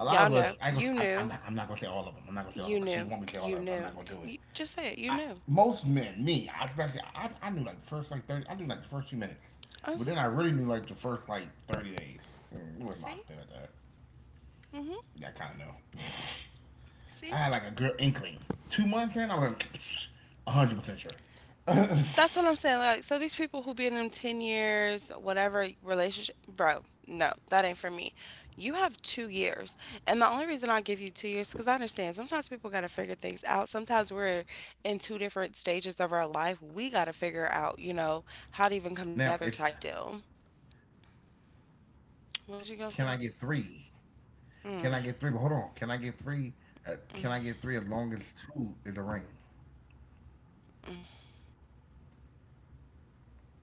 [SPEAKER 1] A lot
[SPEAKER 2] Y'all
[SPEAKER 1] of us.
[SPEAKER 2] know.
[SPEAKER 1] I ain't gonna.
[SPEAKER 2] You
[SPEAKER 1] I'm
[SPEAKER 2] knew.
[SPEAKER 1] not. I'm not gonna say all of them. I'm not gonna say all of them
[SPEAKER 2] You
[SPEAKER 1] because she
[SPEAKER 2] knew.
[SPEAKER 1] want me to say all
[SPEAKER 2] You
[SPEAKER 1] of them. I'm not
[SPEAKER 2] knew.
[SPEAKER 1] gonna do it.
[SPEAKER 2] Just say it. You
[SPEAKER 1] I,
[SPEAKER 2] knew.
[SPEAKER 1] Most men, me, I was back there, I knew like the first like 30. I knew like the first few minutes,
[SPEAKER 2] I
[SPEAKER 1] but
[SPEAKER 2] was,
[SPEAKER 1] then I really knew like the first like 30 days. It was
[SPEAKER 2] see?
[SPEAKER 1] locked in at that.
[SPEAKER 2] Mm-hmm.
[SPEAKER 1] Yeah, I kind of know.
[SPEAKER 2] See?
[SPEAKER 1] I had like a good inkling. 2 months in, I was like 100% sure.
[SPEAKER 2] That's what I'm saying. Like, so these people who been in them 10 years, whatever relationship, bro, no, that ain't for me. You have 2 years. And the only reason I give you 2 years, because I understand sometimes people got to figure things out. Sometimes we're in two different stages of our life. We got to
[SPEAKER 1] now it's
[SPEAKER 2] figure out, you know, how to even come together type deal.
[SPEAKER 1] Can I get three?
[SPEAKER 2] What you gonna say?
[SPEAKER 1] Can I get three? But hold on, can I get
[SPEAKER 2] Mm.
[SPEAKER 1] three? Can I get three as long as two is a ring?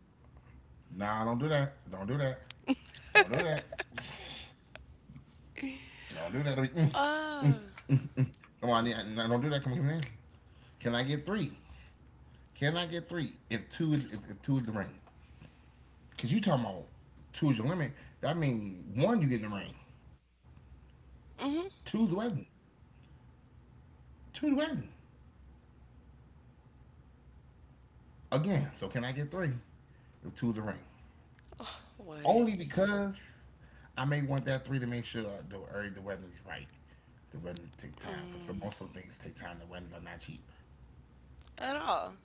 [SPEAKER 1] Nah, don't do that. Don't do that. Don't do that. Don't do that. I mean, mm, mm,
[SPEAKER 2] Uh,
[SPEAKER 1] mm. Come on, yeah, nah, don't do that. Come on, come on. Can I get three? Can I get three? If two is the ring, cause you talking about two is your limit. That means one you get in the ring,
[SPEAKER 2] mm-hmm.
[SPEAKER 1] two's the wedding. Two's ring again. So can I get three if two's a ring?
[SPEAKER 2] What?
[SPEAKER 1] Only because I may want that three to make sure the wedding is right. The wedding take time because
[SPEAKER 2] Mm.
[SPEAKER 1] most of the things take time. The weddings are not cheap.
[SPEAKER 2] At all.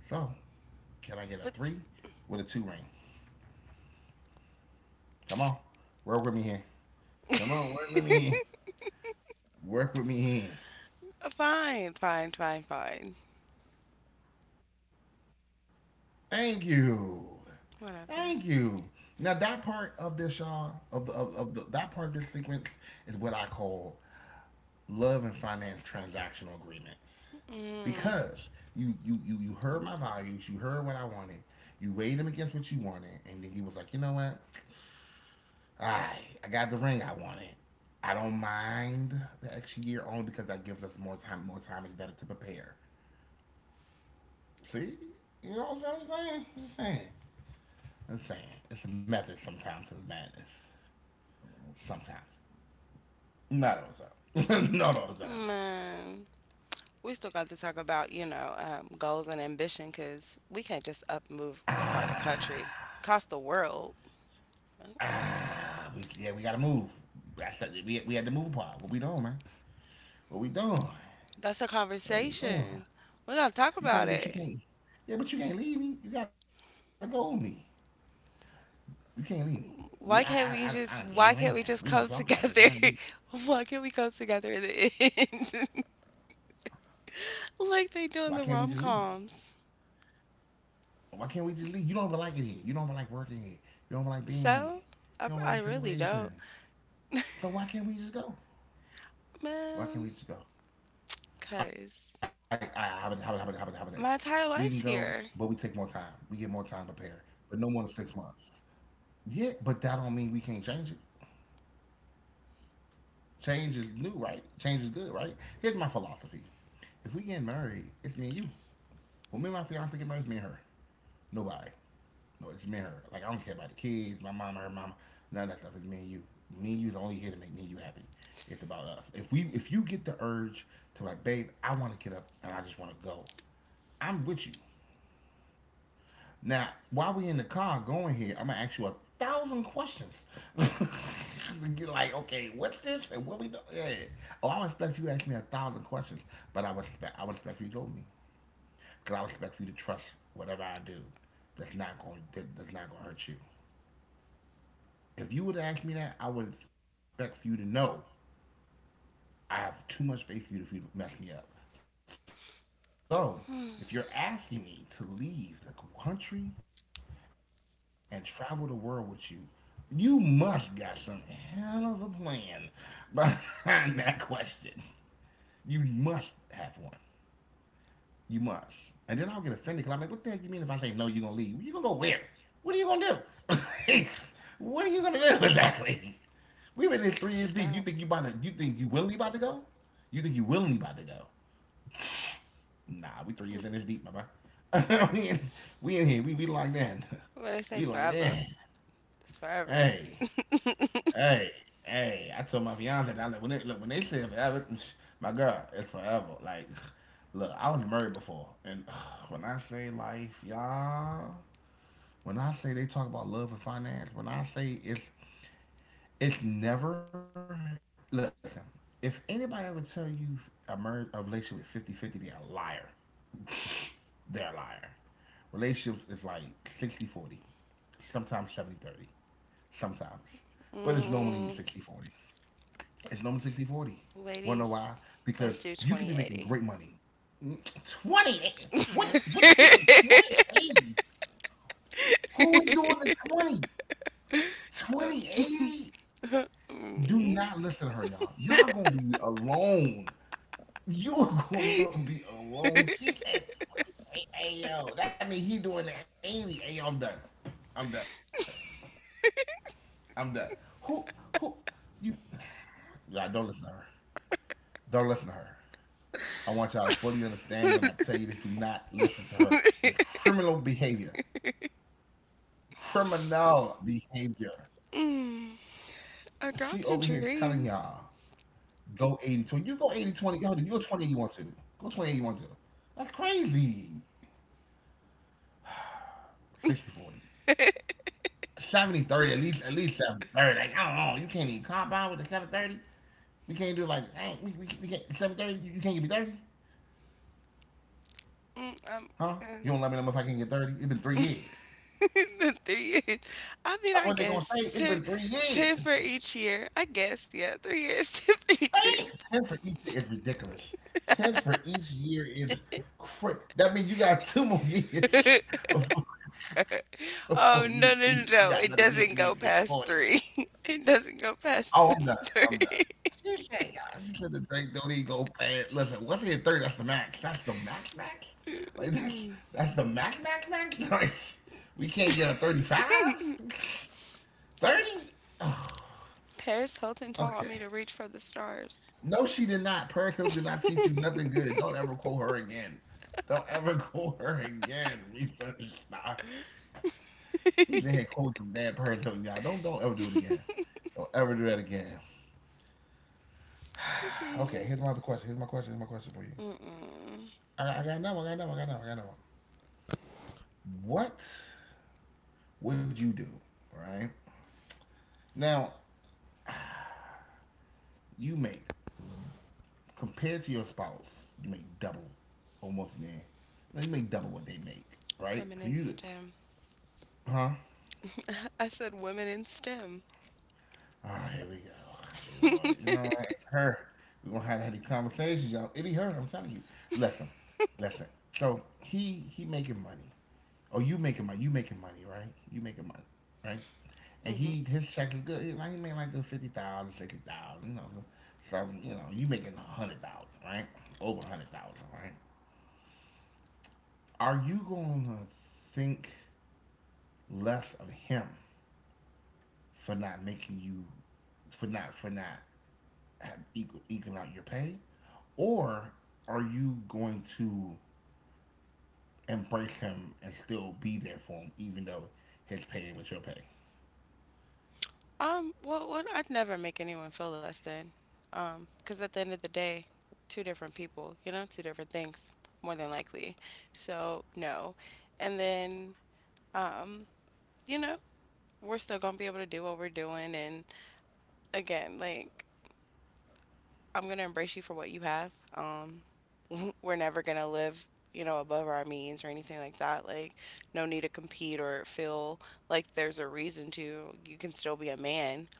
[SPEAKER 1] So can I get a
[SPEAKER 2] But
[SPEAKER 1] three with a two ring? Come on, work with me here. Come on, work with me here. Work with me here.
[SPEAKER 2] fine, fine, fine, fine.
[SPEAKER 1] Thank you.
[SPEAKER 2] Whatever.
[SPEAKER 1] Thank you. Now that part of this, y'all, of the that part of this sequence is what I call love and finance transactional agreements,
[SPEAKER 2] Mm.
[SPEAKER 1] because you heard my values, you heard what I wanted, you weighed them against what you wanted, and then you was like, you know what, I I got the ring I wanted. I don't mind the extra year only because that gives us more time. More time is better to prepare. See, you know what I'm saying? I'm just saying. I'm saying. It's a method sometimes to the madness. Sometimes, not all the time. Not all the
[SPEAKER 2] Man, we still got to talk about, you know, goals and ambition because we can't just up move
[SPEAKER 1] time.
[SPEAKER 2] cross country, across the world.
[SPEAKER 1] Yeah, we gotta move. We had to move part. What we doing, man? What we doing?
[SPEAKER 2] That's a
[SPEAKER 1] What we doing?
[SPEAKER 2] conversation. We're gonna talk
[SPEAKER 1] You
[SPEAKER 2] about
[SPEAKER 1] can't, but you
[SPEAKER 2] it.
[SPEAKER 1] can't. Yeah, but you can't leave me. You gotta go with me. You can't leave me. We, I done gave the ring now. We
[SPEAKER 2] Why
[SPEAKER 1] done
[SPEAKER 2] can't we
[SPEAKER 1] talked
[SPEAKER 2] just
[SPEAKER 1] about this
[SPEAKER 2] come
[SPEAKER 1] now.
[SPEAKER 2] together? why can't we come together in the end? Like they do in
[SPEAKER 1] Why
[SPEAKER 2] the
[SPEAKER 1] can't we
[SPEAKER 2] rom
[SPEAKER 1] just leave?
[SPEAKER 2] coms.
[SPEAKER 1] Why can't we just leave? You don't even like it here. You don't even like working here. You don't even like being here.
[SPEAKER 2] So, I,
[SPEAKER 1] You don't even
[SPEAKER 2] I
[SPEAKER 1] like the
[SPEAKER 2] really don't.
[SPEAKER 1] situation. So why can't we just go? Why
[SPEAKER 2] Man,
[SPEAKER 1] can't we just go? I
[SPEAKER 2] cause
[SPEAKER 1] I haven't haven't haven't haven't haven't. We
[SPEAKER 2] my
[SPEAKER 1] can
[SPEAKER 2] entire
[SPEAKER 1] go,
[SPEAKER 2] life's
[SPEAKER 1] but we take
[SPEAKER 2] here.
[SPEAKER 1] more time. We get more time to prepare, but no more than 6 months. Yeah, but that don't mean we can't change it. Change is new, right? Change is good, right? Here's my philosophy: if we get married, it's me and you. When me and my fiance get married, it's me and her. Nobody. No, it's me and her. Like I don't care about the kids, my mama, her mama, none of that stuff. It's me and you. Me and you's only here to make me and you happy. It's about us. If you get the urge to like, babe, I want to get up and I just want to go. I'm with you. Now, while we in the car going here, I'm gonna ask you 1,000 questions. You're like, okay, what's this and what we do? Yeah. Oh, I respect you to ask me a thousand questions, but I respect you to know me, cause I respect for you to trust whatever I do. That's not gonna hurt you. If you would ask me that, I would expect for you to know I have too much faith in you for you to mess me up. So, if you're asking me to leave the country and travel the world with you, you must got some hell of a plan behind that question. You must have one. You must. And then I'll get offended because I'm like, what the heck you mean if I say no, you're going to leave? You're going to go where? What are you going to do? What are you going to do exactly? We've been in 3 years deep.
[SPEAKER 2] I'm gonna
[SPEAKER 1] You think
[SPEAKER 2] dip
[SPEAKER 1] you
[SPEAKER 2] out.
[SPEAKER 1] willingly about to go? You think you willingly about to go? Nah, we 3 years in this deep, my boy.
[SPEAKER 2] Mm.
[SPEAKER 1] We in here. We like that. We
[SPEAKER 2] What
[SPEAKER 1] like
[SPEAKER 2] I say
[SPEAKER 1] that.
[SPEAKER 2] forever. It's forever.
[SPEAKER 1] Hey, hey, hey! I told my fiance that I like when they say forever. My God, it's forever. Like, look, I was married before, and when I say life, y'all, when I say they talk about love and finance, when I say it's never. Listen, if anybody ever tell you a marriage a relationship with 50 50, they're a liar. They're a liar. Relationships is like 60-40, sometimes 70-30, sometimes. But it's normally
[SPEAKER 2] mm,
[SPEAKER 1] 60-40. It's normally 60-40. 40. Wanna know
[SPEAKER 2] ladies,
[SPEAKER 1] why?
[SPEAKER 2] let's
[SPEAKER 1] Because
[SPEAKER 2] do
[SPEAKER 1] you could be making
[SPEAKER 2] 2080.
[SPEAKER 1] great money. 20? What the 2080? Who is doing the 20? 2080? Do
[SPEAKER 2] Me?
[SPEAKER 1] not listen to her, y'all. Y'all gonna be alone. You're gonna be alone. She said 20. Hey, hey, yo. That means he doing the 80. Hey, yo, I'm done. I'm done. I'm done. Who who you? Yeah, don't listen to her. Don't listen to her. I want y'all to fully understand when I tell you this. Do not listen to her. It's criminal behavior. Criminal behavior.
[SPEAKER 2] Mm, a girl
[SPEAKER 1] She
[SPEAKER 2] can
[SPEAKER 1] over here
[SPEAKER 2] dream.
[SPEAKER 1] telling y'all go 80-20. You go 80-20. Yo, then you go 20 you want to. Go 20 you want to. That's crazy. 60-40. 70-30, at least 70. Like, I don't know. You can't even compound with the 730. We can't do like, hey, we can't, 730, you can't give me 30.
[SPEAKER 2] Mm, I'm,
[SPEAKER 1] Huh?
[SPEAKER 2] uh,
[SPEAKER 1] You don't let me know if I can get 30? It's been 3 years.
[SPEAKER 2] the 3 years. I mean, I
[SPEAKER 1] That's what they gonna
[SPEAKER 2] guess
[SPEAKER 1] say.
[SPEAKER 2] two,
[SPEAKER 1] It's been three
[SPEAKER 2] 10,
[SPEAKER 1] years.
[SPEAKER 2] for each year. I guess, yeah, 3 years, 10 for each year.
[SPEAKER 1] Hey, 10 for each year is ridiculous. 10 for each year is crazy. That means you got 2 more years before, before
[SPEAKER 2] Oh,
[SPEAKER 1] you
[SPEAKER 2] no,
[SPEAKER 1] eat.
[SPEAKER 2] no,
[SPEAKER 1] You
[SPEAKER 2] no,
[SPEAKER 1] got
[SPEAKER 2] no.
[SPEAKER 1] another
[SPEAKER 2] It
[SPEAKER 1] year for you to
[SPEAKER 2] doesn't
[SPEAKER 1] get
[SPEAKER 2] go
[SPEAKER 1] 40.
[SPEAKER 2] past three. It doesn't go
[SPEAKER 1] Oh,
[SPEAKER 2] past the
[SPEAKER 1] I'm done. I'm done.
[SPEAKER 2] three.
[SPEAKER 1] She said, all she said the drink don't even go bad. Listen, once you hit 30, that's the max. That's the max, max? Like, that's the max, max, max? Like, we can't get a 35? 30? Oh.
[SPEAKER 2] Paris Hilton taught
[SPEAKER 1] Okay.
[SPEAKER 2] me to reach for the stars.
[SPEAKER 1] No, she did not. Perico did not teach you nothing good. Don't ever quote her again. Don't ever quote her again. Refinish. Nah. She's the head coach of bad Perico, y'all. Don't ever do it again. Don't ever do that again.
[SPEAKER 2] Hmm.
[SPEAKER 1] Okay, here's my other question. Here's my question. Here's my question for you.
[SPEAKER 2] Mm-mm.
[SPEAKER 1] I got another one. I got another one. I got another one. I got another one. What would you do, right? Now, you make, compared to your spouse, you make double, almost there. Now, you make double what they make, right?
[SPEAKER 2] Women
[SPEAKER 1] So
[SPEAKER 2] in
[SPEAKER 1] you,
[SPEAKER 2] STEM.
[SPEAKER 1] huh?
[SPEAKER 2] I said women in STEM.
[SPEAKER 1] Oh, here we go. Oh, Lord, you know what? Her. We're gonna have to have these conversations, y'all. It be her, I'm telling you. Listen, listen. So he making money. Oh, you making money. You making money, right? You making money, right? And
[SPEAKER 2] Hmm.
[SPEAKER 1] he his check is good. Like he made like good 50,000, 60,000, So you making 100,000, right? Over 100,000, right? Are you gonna think less of him for not making you for not equal, eking out your pay, or are you going to embrace him and still be there for him, even though his pay was your pay?
[SPEAKER 2] Well, what I'd never make anyone feel less than. Because at the end of the day, two different people, you know, two different things, more than likely. So, no. And then, um, you know, we're still gonna be able to do what we're doing. And again, like, I'm gonna embrace you for what you have. We're never going to live, you know, above our means or anything like that. Like, no need to compete or feel like there's a reason to. You can still be a man.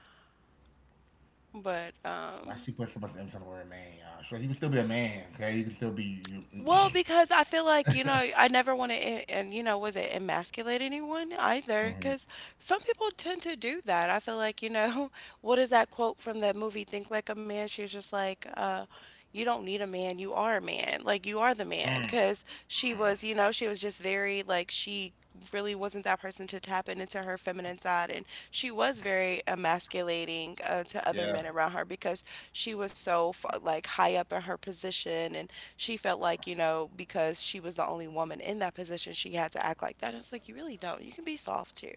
[SPEAKER 2] But
[SPEAKER 1] Why
[SPEAKER 2] um,
[SPEAKER 1] she put so much emphasis on the word man, y'all? So you can still be a man, okay? You can still be you.
[SPEAKER 2] Well, because I feel like, you know, I never want to, and, you know, was it emasculate anyone either?
[SPEAKER 1] Mhm.
[SPEAKER 2] Because some people tend to do that. I feel like, you know, what is that quote from that movie, Think Like a Man? She's just like, you don't need a man, you are a man. Like, you are the man.
[SPEAKER 1] Mm,
[SPEAKER 2] Because she
[SPEAKER 1] mm.
[SPEAKER 2] was, you know, she was just very, like, she really wasn't that person to tap in into her feminine side. And she was very emasculating to other
[SPEAKER 1] Yeah,
[SPEAKER 2] men around her because she was so, like, high up in her position. And she felt like, you know, because she was the only woman in that position, she had to act like that. And it's like, you really don't. You can be soft too.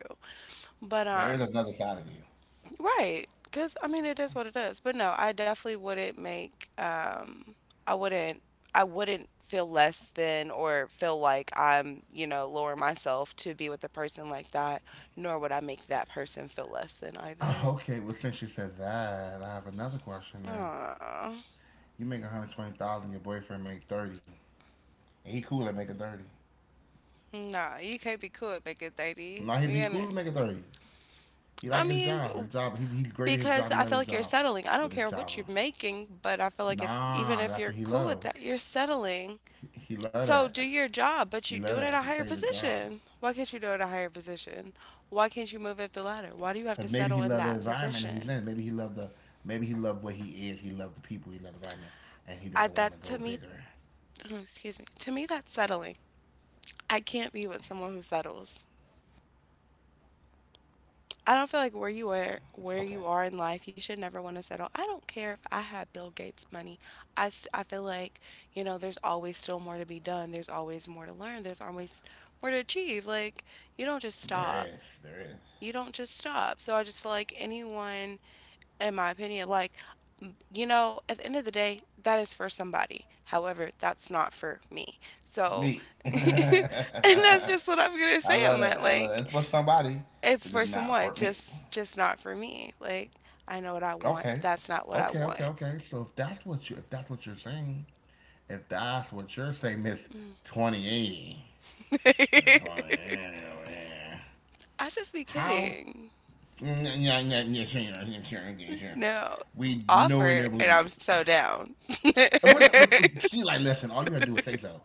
[SPEAKER 2] But,
[SPEAKER 1] there is another side of you.
[SPEAKER 2] right. Because, I mean, it is what it is. But no, I definitely wouldn't make, I wouldn't, I wouldn't feel less than or feel like I'm, you know, lower myself to be with a person like that, nor would I make that person feel less than
[SPEAKER 1] Uh,
[SPEAKER 2] either.
[SPEAKER 1] Okay, well since you said that, I have another question. Then
[SPEAKER 2] Aww.
[SPEAKER 1] you make 120,000, your boyfriend make 30, and he cool at making 30.
[SPEAKER 2] Nah, you can't be cool at making 30.
[SPEAKER 1] Now he
[SPEAKER 2] We
[SPEAKER 1] be
[SPEAKER 2] gonna,
[SPEAKER 1] cool at making 30. He
[SPEAKER 2] I
[SPEAKER 1] like his
[SPEAKER 2] mean,
[SPEAKER 1] job. His job. He's great at
[SPEAKER 2] because
[SPEAKER 1] his
[SPEAKER 2] I
[SPEAKER 1] job.
[SPEAKER 2] feel
[SPEAKER 1] He
[SPEAKER 2] like
[SPEAKER 1] love
[SPEAKER 2] you're
[SPEAKER 1] his job,
[SPEAKER 2] settling. I don't care
[SPEAKER 1] but his
[SPEAKER 2] what you're
[SPEAKER 1] job.
[SPEAKER 2] making, but I feel like if even if
[SPEAKER 1] Nah,
[SPEAKER 2] you're
[SPEAKER 1] that's what
[SPEAKER 2] cool
[SPEAKER 1] he
[SPEAKER 2] with that,
[SPEAKER 1] loves.
[SPEAKER 2] you're settling.
[SPEAKER 1] He love that.
[SPEAKER 2] So do your
[SPEAKER 1] He
[SPEAKER 2] job,
[SPEAKER 1] love
[SPEAKER 2] but
[SPEAKER 1] that.
[SPEAKER 2] you
[SPEAKER 1] That's
[SPEAKER 2] do
[SPEAKER 1] his
[SPEAKER 2] it at a
[SPEAKER 1] favorite
[SPEAKER 2] higher
[SPEAKER 1] job.
[SPEAKER 2] position. Why can't you do it at a higher position? Why can't you move up the ladder? Why do you have
[SPEAKER 1] Cause
[SPEAKER 2] to
[SPEAKER 1] maybe he
[SPEAKER 2] settle in
[SPEAKER 1] love the
[SPEAKER 2] that
[SPEAKER 1] environment that he's
[SPEAKER 2] position?
[SPEAKER 1] in. Maybe he love the. Maybe he love what he is. He love the people. He love the environment, and he
[SPEAKER 2] I
[SPEAKER 1] doesn't want
[SPEAKER 2] That
[SPEAKER 1] to
[SPEAKER 2] to
[SPEAKER 1] go
[SPEAKER 2] me,
[SPEAKER 1] bigger.
[SPEAKER 2] excuse me, to me that's settling. I can't be with someone who settles. I don't feel like where
[SPEAKER 1] Okay,
[SPEAKER 2] you are in life, you should never want to settle. I don't care if I had Bill Gates money. I feel like, you know, there's always still more to be done. There's always more to learn. There's always more to achieve. Like, you don't just
[SPEAKER 1] there
[SPEAKER 2] stop.
[SPEAKER 1] is. There is
[SPEAKER 2] You don't just stop. So I just feel like anyone, in my opinion, like, you know, at the end of the day, that is for somebody. However, that's not for me. So,
[SPEAKER 1] me.
[SPEAKER 2] and
[SPEAKER 1] I
[SPEAKER 2] that's just what I'm going to say on
[SPEAKER 1] love that.
[SPEAKER 2] that.
[SPEAKER 1] I love that. It's
[SPEAKER 2] Like,
[SPEAKER 1] for somebody.
[SPEAKER 2] it's
[SPEAKER 1] It's just
[SPEAKER 2] for
[SPEAKER 1] not
[SPEAKER 2] someone,
[SPEAKER 1] for me.
[SPEAKER 2] just not for me. Like, I know what I want.
[SPEAKER 1] Okay.
[SPEAKER 2] That's not what I
[SPEAKER 1] Okay, okay,
[SPEAKER 2] want.
[SPEAKER 1] okay. So if that's what you're saying, If that's what you're saying, Miss 2080,
[SPEAKER 2] I
[SPEAKER 1] 2080 over there,
[SPEAKER 2] just be
[SPEAKER 1] how?
[SPEAKER 2] kidding.
[SPEAKER 1] Yeah, yeah, yeah, yeah, sure, yeah, sure, okay, sure.
[SPEAKER 2] No,
[SPEAKER 1] We know and never
[SPEAKER 2] offer
[SPEAKER 1] believe
[SPEAKER 2] and
[SPEAKER 1] you.
[SPEAKER 2] I'm so down.
[SPEAKER 1] And she like, listen, all you had to do was say so.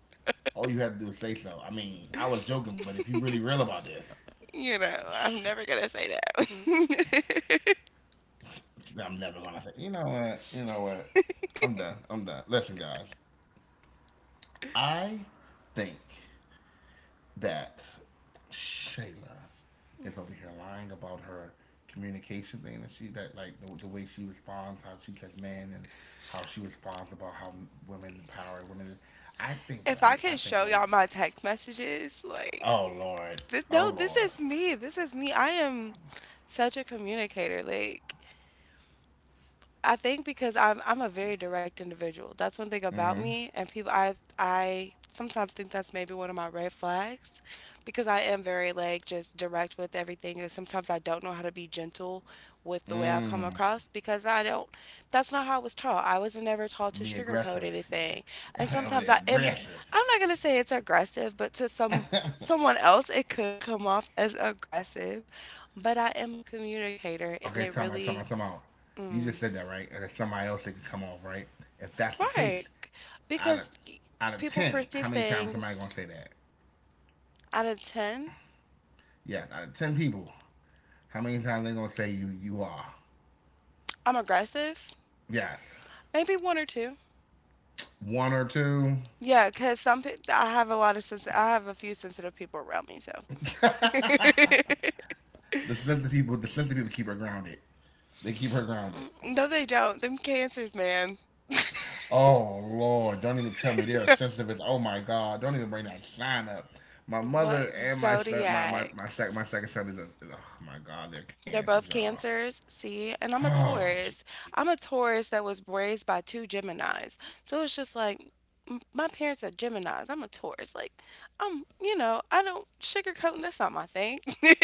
[SPEAKER 1] All you had to do was say so. I mean, I was joking, but if you really real about this,
[SPEAKER 2] You know, I'm never gonna say no.
[SPEAKER 1] I'm never gonna say. You know what? You know what? I'm done. I'm done. Listen, guys, I think that Shayla is over here lying about her communication thing and she that like the way she responds, how she says men, and how she responds about how women the power of women. I think
[SPEAKER 2] If
[SPEAKER 1] right.
[SPEAKER 2] I
[SPEAKER 1] I
[SPEAKER 2] could
[SPEAKER 1] think
[SPEAKER 2] show
[SPEAKER 1] right.
[SPEAKER 2] y'all my text messages, like,
[SPEAKER 1] Oh lord.
[SPEAKER 2] this,
[SPEAKER 1] Oh
[SPEAKER 2] no, this
[SPEAKER 1] lord.
[SPEAKER 2] is me, this is me. I am such a communicator. Like, I think because I'm a very direct individual. That's one thing about me, and people I sometimes think that's maybe one of my red flags because I am very like just direct with everything, and sometimes I don't know how to be gentle with the way I come across because I don't. That's not how I was taught. I was never taught to
[SPEAKER 1] Me
[SPEAKER 2] sugarcoat
[SPEAKER 1] aggressive.
[SPEAKER 2] anything, and
[SPEAKER 1] over
[SPEAKER 2] sometimes
[SPEAKER 1] there
[SPEAKER 2] I am.
[SPEAKER 1] aggressive.
[SPEAKER 2] I'm not gonna say it's aggressive, but to someone else it could come off as aggressive. But I am a communicator, and
[SPEAKER 1] Okay,
[SPEAKER 2] it
[SPEAKER 1] time out. Time
[SPEAKER 2] really.
[SPEAKER 1] out. Time out. You
[SPEAKER 2] Mm.
[SPEAKER 1] just said that right, and there's somebody else that could come off right. If that's the
[SPEAKER 2] Right.
[SPEAKER 1] case, out of
[SPEAKER 2] Because
[SPEAKER 1] out of
[SPEAKER 2] people
[SPEAKER 1] ten, how
[SPEAKER 2] perceive
[SPEAKER 1] many times somebody
[SPEAKER 2] things
[SPEAKER 1] gonna say that?
[SPEAKER 2] out of 10.
[SPEAKER 1] Yeah, out of ten people, how many times they gonna say you are?
[SPEAKER 2] I'm aggressive.
[SPEAKER 1] Yes,
[SPEAKER 2] Maybe one or two.
[SPEAKER 1] one or two.
[SPEAKER 2] Yeah, because some I have a lot of I have a few sensitive people around me, so.
[SPEAKER 1] The sensitive people keep her grounded. They keep her grounded.
[SPEAKER 2] No, they don't. Them cancers, man.
[SPEAKER 1] Oh Lord, don't even tell me they're sensitive. Oh my God, don't even bring that sign up. My mother
[SPEAKER 2] What?
[SPEAKER 1] and my son, my my my, second
[SPEAKER 2] Zodiacs.
[SPEAKER 1] my second son is a, oh my God, they're
[SPEAKER 2] They're
[SPEAKER 1] cancers,
[SPEAKER 2] both
[SPEAKER 1] y'all.
[SPEAKER 2] cancers, see? And I'm a
[SPEAKER 1] Oh Jesus.
[SPEAKER 2] Taurus. I'm a Taurus that was raised by two Geminis. So it's just like my parents are Geminis. I'm a Taurus. Like, I'm, you know, I don't sugarcoat. And That's not my thing.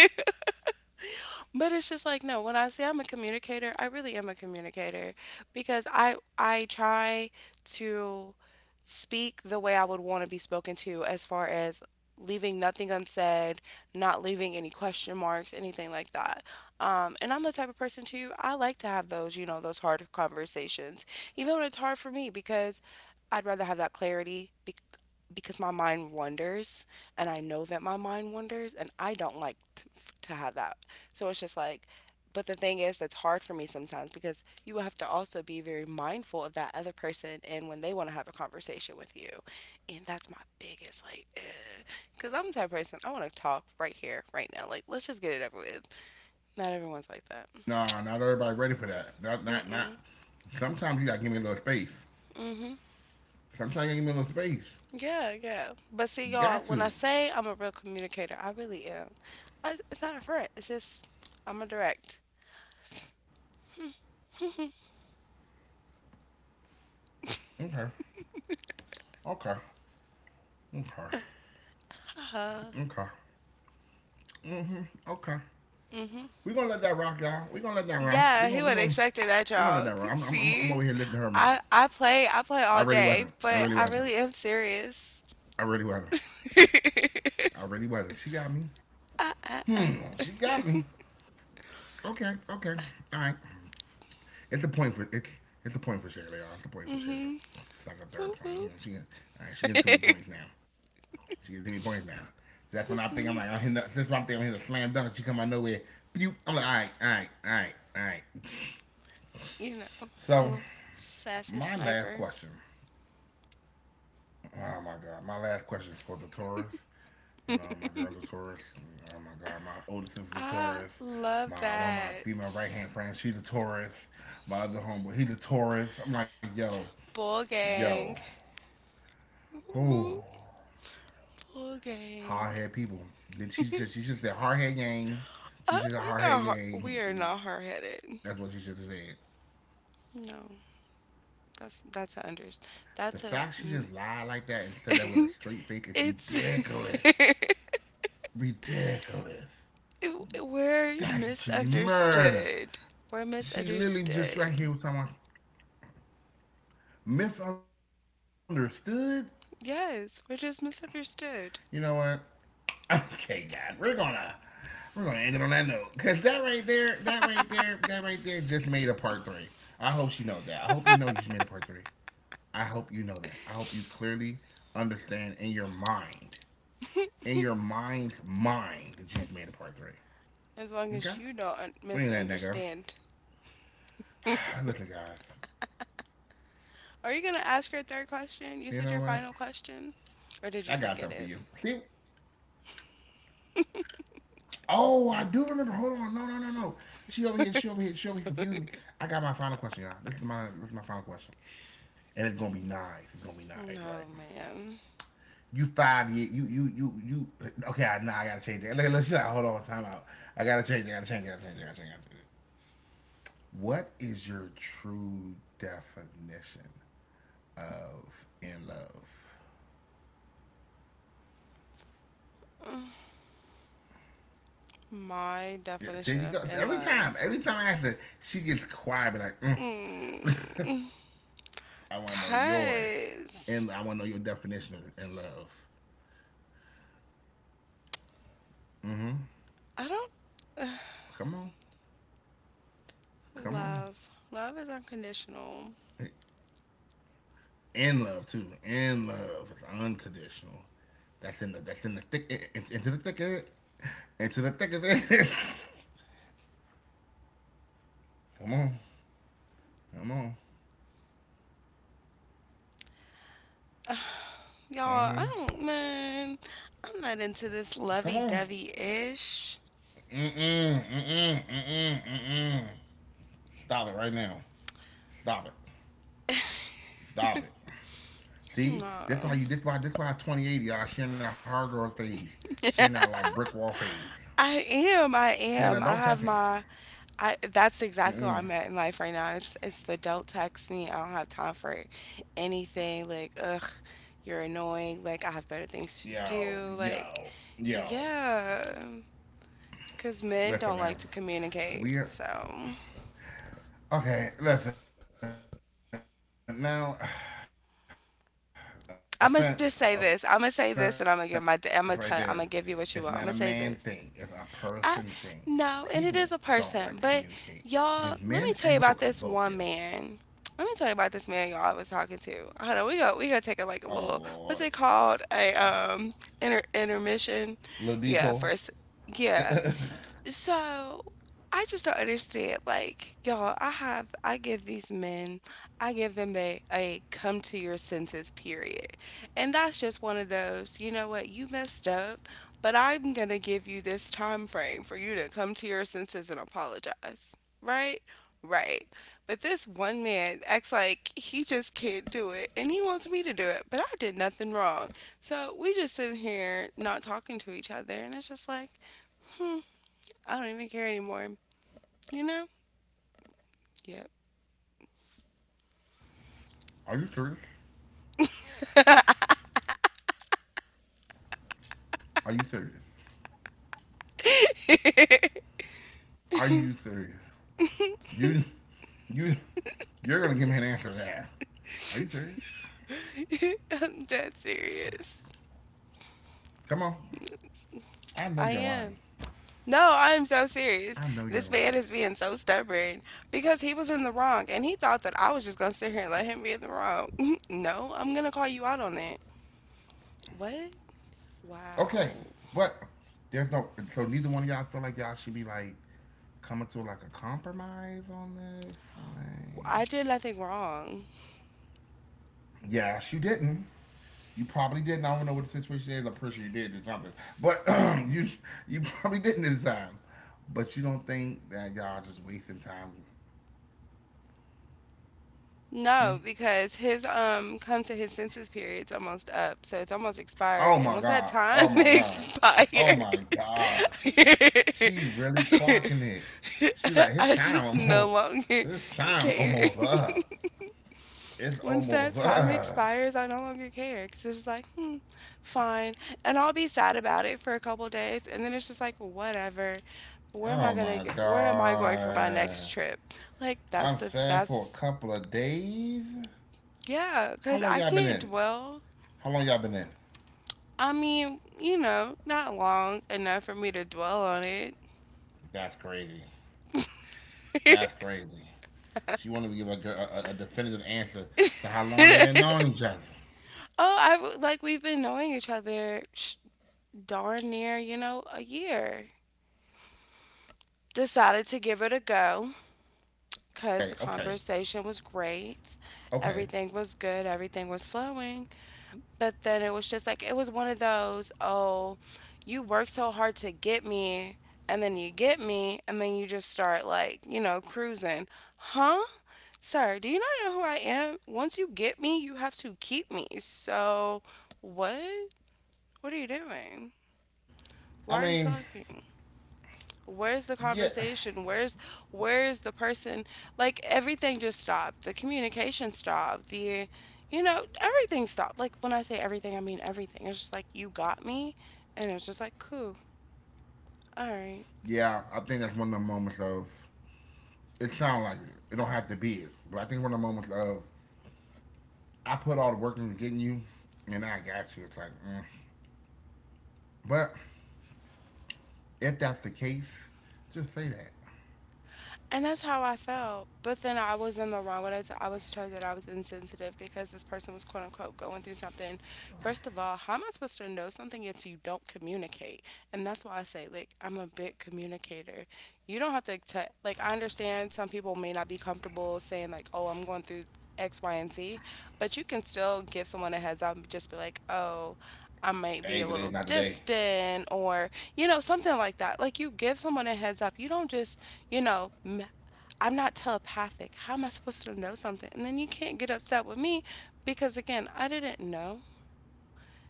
[SPEAKER 2] But it's just like, no, when I say I'm a communicator, I really am a communicator because I try to speak the way I would want to be spoken to as far as leaving nothing unsaid, not leaving any question marks, anything like that. And I'm the type of person too, I like to have those, you know, those hard conversations even when it's hard for me because I'd rather have that clarity because my mind wanders. And I know that my mind wanders and I don't like to, have that. So it's just like, but the thing is, that's hard for me sometimes because you have to also be very mindful of that other person and when they want to have a conversation with you. And that's my biggest, like, because I'm the type of person, I want to talk right here, right now. Like, let's just get it over with. Not everyone's like that.
[SPEAKER 1] Nah, not everybody ready for that. Not not not.
[SPEAKER 2] Mm-mm.
[SPEAKER 1] Sometimes you gotta give me a little space.
[SPEAKER 2] Mm-hmm.
[SPEAKER 1] Sometimes you gotta give me a little space.
[SPEAKER 2] Yeah, yeah. But see, y'all,
[SPEAKER 1] Got
[SPEAKER 2] when I
[SPEAKER 1] to.
[SPEAKER 2] say I'm a real communicator, I really am. It's not a threat. It's just, I'm a direct.
[SPEAKER 1] Okay. Okay. Okay. Okay.
[SPEAKER 2] Uh-huh.
[SPEAKER 1] hmm Okay. We're gonna let that rock, y'all. We're gonna let
[SPEAKER 2] Mm-hmm.
[SPEAKER 1] that rock. We're gonna we're gonna let
[SPEAKER 2] Yeah,
[SPEAKER 1] that
[SPEAKER 2] he
[SPEAKER 1] rock.
[SPEAKER 2] would have expected
[SPEAKER 1] I'm over
[SPEAKER 2] that,
[SPEAKER 1] here listening to
[SPEAKER 2] y'all.
[SPEAKER 1] her.
[SPEAKER 2] See,
[SPEAKER 1] I really wasn't.
[SPEAKER 2] I
[SPEAKER 1] I
[SPEAKER 2] play
[SPEAKER 1] really
[SPEAKER 2] all
[SPEAKER 1] wasn't.
[SPEAKER 2] day, but I really am
[SPEAKER 1] I really
[SPEAKER 2] serious.
[SPEAKER 1] wasn't. I really wasn't. She got me.
[SPEAKER 2] Uh
[SPEAKER 1] Hmm.
[SPEAKER 2] uh
[SPEAKER 1] She
[SPEAKER 2] uh.
[SPEAKER 1] got me. Okay. Okay. All right. It's the point for it's it's a point for Shayla, y'all. It's the point for Shayla.
[SPEAKER 2] Mhm.
[SPEAKER 1] It's like a
[SPEAKER 2] Whoop
[SPEAKER 1] third
[SPEAKER 2] whoop.
[SPEAKER 1] point. You know, she all right, she getting too many points now. She getting too many points now. That's when I think I'm like I'm hitting. That's when I'm thinking I'm hitting a slam dunk. She come out of nowhere. Pew. I'm like all right, all right, all right, all right.
[SPEAKER 2] You know,
[SPEAKER 1] So
[SPEAKER 2] little sassy
[SPEAKER 1] my last
[SPEAKER 2] sniper.
[SPEAKER 1] question. Oh my god, my last question is for the Taurus. You know, my girl's a Taurus. Oh my God, my oldest is a
[SPEAKER 2] I
[SPEAKER 1] Taurus.
[SPEAKER 2] love
[SPEAKER 1] My one of my
[SPEAKER 2] that.
[SPEAKER 1] female right hand friends, she's a Taurus. My other homeboy, he's a Taurus. I'm like, yo,
[SPEAKER 2] Bull
[SPEAKER 1] yo,
[SPEAKER 2] gang. Whoop,
[SPEAKER 1] Oh,
[SPEAKER 2] Bull
[SPEAKER 1] hard
[SPEAKER 2] gang.
[SPEAKER 1] head people. Then she just she's just a hard head gang. She's just
[SPEAKER 2] We're
[SPEAKER 1] a
[SPEAKER 2] not
[SPEAKER 1] hard head
[SPEAKER 2] hard, we are
[SPEAKER 1] gang. That's
[SPEAKER 2] not
[SPEAKER 1] what she
[SPEAKER 2] hard
[SPEAKER 1] should have said.
[SPEAKER 2] headed. No, that's a
[SPEAKER 1] The
[SPEAKER 2] unders.
[SPEAKER 1] fact she
[SPEAKER 2] That's
[SPEAKER 1] just
[SPEAKER 2] a.
[SPEAKER 1] lied like that and said that with a straight face is ridiculous.
[SPEAKER 2] It's.
[SPEAKER 1] Ridiculous.
[SPEAKER 2] It-
[SPEAKER 1] That
[SPEAKER 2] We're
[SPEAKER 1] should be murder.
[SPEAKER 2] misunderstood. We're
[SPEAKER 1] She literally just right
[SPEAKER 2] misunderstood.
[SPEAKER 1] here with someone misunderstood.
[SPEAKER 2] Yes, we're just
[SPEAKER 1] You know
[SPEAKER 2] misunderstood.
[SPEAKER 1] what? Okay, God, we're gonna end it on that note because that right there just made a part 3. I hope she knows that. I hope you know you just made a part three. I hope you know that. I hope you clearly understand in your mind, in your mind, that you just made a part 3.
[SPEAKER 2] As long as you don't
[SPEAKER 1] Okay? We ain't that
[SPEAKER 2] misunderstand.
[SPEAKER 1] nigga. Listen, guys.
[SPEAKER 2] Are you going to ask your third question? You said
[SPEAKER 1] You
[SPEAKER 2] your
[SPEAKER 1] know
[SPEAKER 2] final
[SPEAKER 1] what?
[SPEAKER 2] question? Or did you
[SPEAKER 1] I got
[SPEAKER 2] forget
[SPEAKER 1] something
[SPEAKER 2] it?
[SPEAKER 1] for you. See? Oh, I do remember. Hold on. No, no, no, no. She over here. She over here. She over here. Confused me. I got my final question, y'all. This is my final question, and it's gonna be nice. It's gonna be nice, right?
[SPEAKER 2] No, man.
[SPEAKER 1] You 5 year. You you you you. Okay, nah, I gotta change it. Look, look, shit. Hold on. Time out. I gotta change. It, I gotta change. It, I gotta change. It, I gotta change it. What is your true definition of in love?
[SPEAKER 2] My
[SPEAKER 1] Yeah, there
[SPEAKER 2] definition
[SPEAKER 1] you
[SPEAKER 2] of
[SPEAKER 1] go.
[SPEAKER 2] in love.
[SPEAKER 1] Every time I ask her, she gets quiet, but like, mm.
[SPEAKER 2] Mm,
[SPEAKER 1] I want to know your,
[SPEAKER 2] Cuz
[SPEAKER 1] and I want to know your definition of in love.
[SPEAKER 2] I don't
[SPEAKER 1] Come on, come on.
[SPEAKER 2] love. Love is unconditional.
[SPEAKER 1] In love too. In love is unconditional. That's in the thick in- into the thick of it. Into the thick of it. come on, come on.
[SPEAKER 2] Y'all, I
[SPEAKER 1] Mm-hmm.
[SPEAKER 2] don't, man, I'm not into this
[SPEAKER 1] Come
[SPEAKER 2] lovey
[SPEAKER 1] on.
[SPEAKER 2] dovey ish.
[SPEAKER 1] Mm-mm, mm-mm, mm-mm, mm-mm. Stop it right now. Stop it. Stop it. See, that's how
[SPEAKER 2] No.
[SPEAKER 1] you. This why. This why 2080 are sharing that hardcore phase, sharing that like brick wall phase,
[SPEAKER 2] I am, I
[SPEAKER 1] sharing that don't
[SPEAKER 2] am. I
[SPEAKER 1] touch me.
[SPEAKER 2] have my, that's exactly
[SPEAKER 1] Mm-mm.
[SPEAKER 2] where I'm at in life right now. It's the don't text me. I don't have time for anything. Like, ugh, you're annoying. Like, I have better things to
[SPEAKER 1] Yo,
[SPEAKER 2] do.
[SPEAKER 1] yo,
[SPEAKER 2] Like,
[SPEAKER 1] yo.
[SPEAKER 2] yeah. Because men
[SPEAKER 1] Listen,
[SPEAKER 2] don't
[SPEAKER 1] man.
[SPEAKER 2] like to communicate.
[SPEAKER 1] We're
[SPEAKER 2] So
[SPEAKER 1] Okay, listen now. Offense, offense, right there. It's not a man
[SPEAKER 2] I'm
[SPEAKER 1] thing.
[SPEAKER 2] going to
[SPEAKER 1] It's
[SPEAKER 2] just
[SPEAKER 1] a
[SPEAKER 2] say this. I'm
[SPEAKER 1] person
[SPEAKER 2] going to say
[SPEAKER 1] thing.
[SPEAKER 2] this and I'm going to give my,
[SPEAKER 1] People
[SPEAKER 2] I'm going to tell,
[SPEAKER 1] don't
[SPEAKER 2] I'm going to
[SPEAKER 1] like to
[SPEAKER 2] give you what you
[SPEAKER 1] communicate
[SPEAKER 2] want. I'm going to say
[SPEAKER 1] because
[SPEAKER 2] this.
[SPEAKER 1] men and women both
[SPEAKER 2] I
[SPEAKER 1] suck at
[SPEAKER 2] No,
[SPEAKER 1] communication.
[SPEAKER 2] and it is a person.
[SPEAKER 1] Both.
[SPEAKER 2] But y'all,
[SPEAKER 1] There's no
[SPEAKER 2] let me tell
[SPEAKER 1] shortcut.
[SPEAKER 2] you about
[SPEAKER 1] Both do.
[SPEAKER 2] this one man. Let me tell you about this man y'all I was talking to. Hold on, we gonna take a, like, a
[SPEAKER 1] Oh
[SPEAKER 2] little, what's it
[SPEAKER 1] Lord,
[SPEAKER 2] called? A intermission.
[SPEAKER 1] little
[SPEAKER 2] Yeah,
[SPEAKER 1] detour.
[SPEAKER 2] first yeah. So I just don't understand. Like, y'all, I give these men, I give them a come to your senses period. And that's just one of those, you know what, you messed up, but I'm gonna give you this time frame for you to come to your senses and apologize. Right? Right. But this one man acts like he just can't do it and he wants me to do it, but I did nothing wrong. So we just sitting here not talking to each other and it's just like hmm, I don't even care anymore. You know? Yep.
[SPEAKER 1] Are you serious? Are you serious? Are you serious? You, you, you're gonna give me an answer to that. Are you serious?
[SPEAKER 2] I'm dead serious.
[SPEAKER 1] Come on. I know you're lying.
[SPEAKER 2] I am.
[SPEAKER 1] I
[SPEAKER 2] No,
[SPEAKER 1] know
[SPEAKER 2] I
[SPEAKER 1] you're
[SPEAKER 2] am so
[SPEAKER 1] lying.
[SPEAKER 2] serious. This man is being so stubborn because he was in the wrong and he thought that I was just going to sit here and let him be in the wrong. No, I'm going to call you out on that. What?
[SPEAKER 1] Okay, but
[SPEAKER 2] Wow.
[SPEAKER 1] there's no. So neither one of y'all feel like y'all should be like coming to like a compromise on this. Like,
[SPEAKER 2] I did nothing wrong.
[SPEAKER 1] yes, you didn't. You probably didn't. I don't know what the situation is. I'm pretty sure you did or something. But you you probably didn't this time. But you don't think that y'all just wasting time? Hmm?
[SPEAKER 2] No, because his come to his senses period's almost up, so it's almost
[SPEAKER 1] Oh my
[SPEAKER 2] expired. And once
[SPEAKER 1] god!
[SPEAKER 2] that
[SPEAKER 1] Oh my
[SPEAKER 2] time
[SPEAKER 1] god!
[SPEAKER 2] expires,
[SPEAKER 1] Oh my god! She really clocking it. She like his
[SPEAKER 2] I
[SPEAKER 1] time
[SPEAKER 2] just
[SPEAKER 1] almost.
[SPEAKER 2] no longer
[SPEAKER 1] His time
[SPEAKER 2] care.
[SPEAKER 1] almost up. It's
[SPEAKER 2] Once
[SPEAKER 1] almost.
[SPEAKER 2] that time expires, I no longer care because it's just like, hmm, fine. And I'll be sad about it for a couple days, and then it's just like, whatever. Where am
[SPEAKER 1] Oh
[SPEAKER 2] I gonna
[SPEAKER 1] my
[SPEAKER 2] get? Where am I going for my next
[SPEAKER 1] god.
[SPEAKER 2] trip? Like that's
[SPEAKER 1] I'm
[SPEAKER 2] the
[SPEAKER 1] sad for a
[SPEAKER 2] that's
[SPEAKER 1] couple of days.
[SPEAKER 2] yeah,
[SPEAKER 1] How
[SPEAKER 2] because
[SPEAKER 1] long
[SPEAKER 2] I
[SPEAKER 1] y'all been
[SPEAKER 2] can't
[SPEAKER 1] in?
[SPEAKER 2] dwell.
[SPEAKER 1] How long y'all been in?
[SPEAKER 2] I mean, you know, not long enough for me to dwell on it.
[SPEAKER 1] That's crazy. That's crazy. She wanted to give a, a definitive answer to how long they've been knowing each other.
[SPEAKER 2] Oh, I like we've been knowing each other darn near, you know, a year. Decided to give
[SPEAKER 1] Mm,
[SPEAKER 2] it a go
[SPEAKER 1] okay, okay,
[SPEAKER 2] because the conversation was
[SPEAKER 1] okay.
[SPEAKER 2] great. Everything was good, everything was flowing. But then it was just like, it was one of those, oh, you work so hard to get me, and then you get me, and then you just start like, you know, cruising. Huh? Sir, do you not know who I am? Once you get me, you have to keep me. So, what? What are you doing?
[SPEAKER 1] I
[SPEAKER 2] Why are you
[SPEAKER 1] mean,
[SPEAKER 2] slacking? Where's the
[SPEAKER 1] yeah,
[SPEAKER 2] conversation? Where's the person? Like everything just stopped. The communication stopped. The you know, everything stopped. Like when I say everything, I mean everything. It's just like you got me and it's just like cool. All right.
[SPEAKER 1] yeah. I think that's one of the moments of. It sounds like it. It don't have to be it, but I think one of the moments of I put all the work into getting you, and I got you. It's like, mm. but if that's the case, just say that.
[SPEAKER 2] And that's how I felt. But then I was in the wrong when I was told that I was insensitive because this person was quote unquote going through something. First of all, how am I supposed to know something if you don't communicate? And that's why I say, like, I'm a big communicator. You don't have to, like, I understand some people may not be comfortable saying, like, oh, I'm going through X, Y, and Z, but you can still give someone a heads up and just be like, oh, I might
[SPEAKER 1] Hey,
[SPEAKER 2] be a
[SPEAKER 1] today
[SPEAKER 2] little
[SPEAKER 1] not today.
[SPEAKER 2] distant, or you know, something like that. Like you give someone a heads up. You don't just, you know, I'm not telepathic. How am I supposed to know something? And then you can't get upset with me because, again, I didn't know.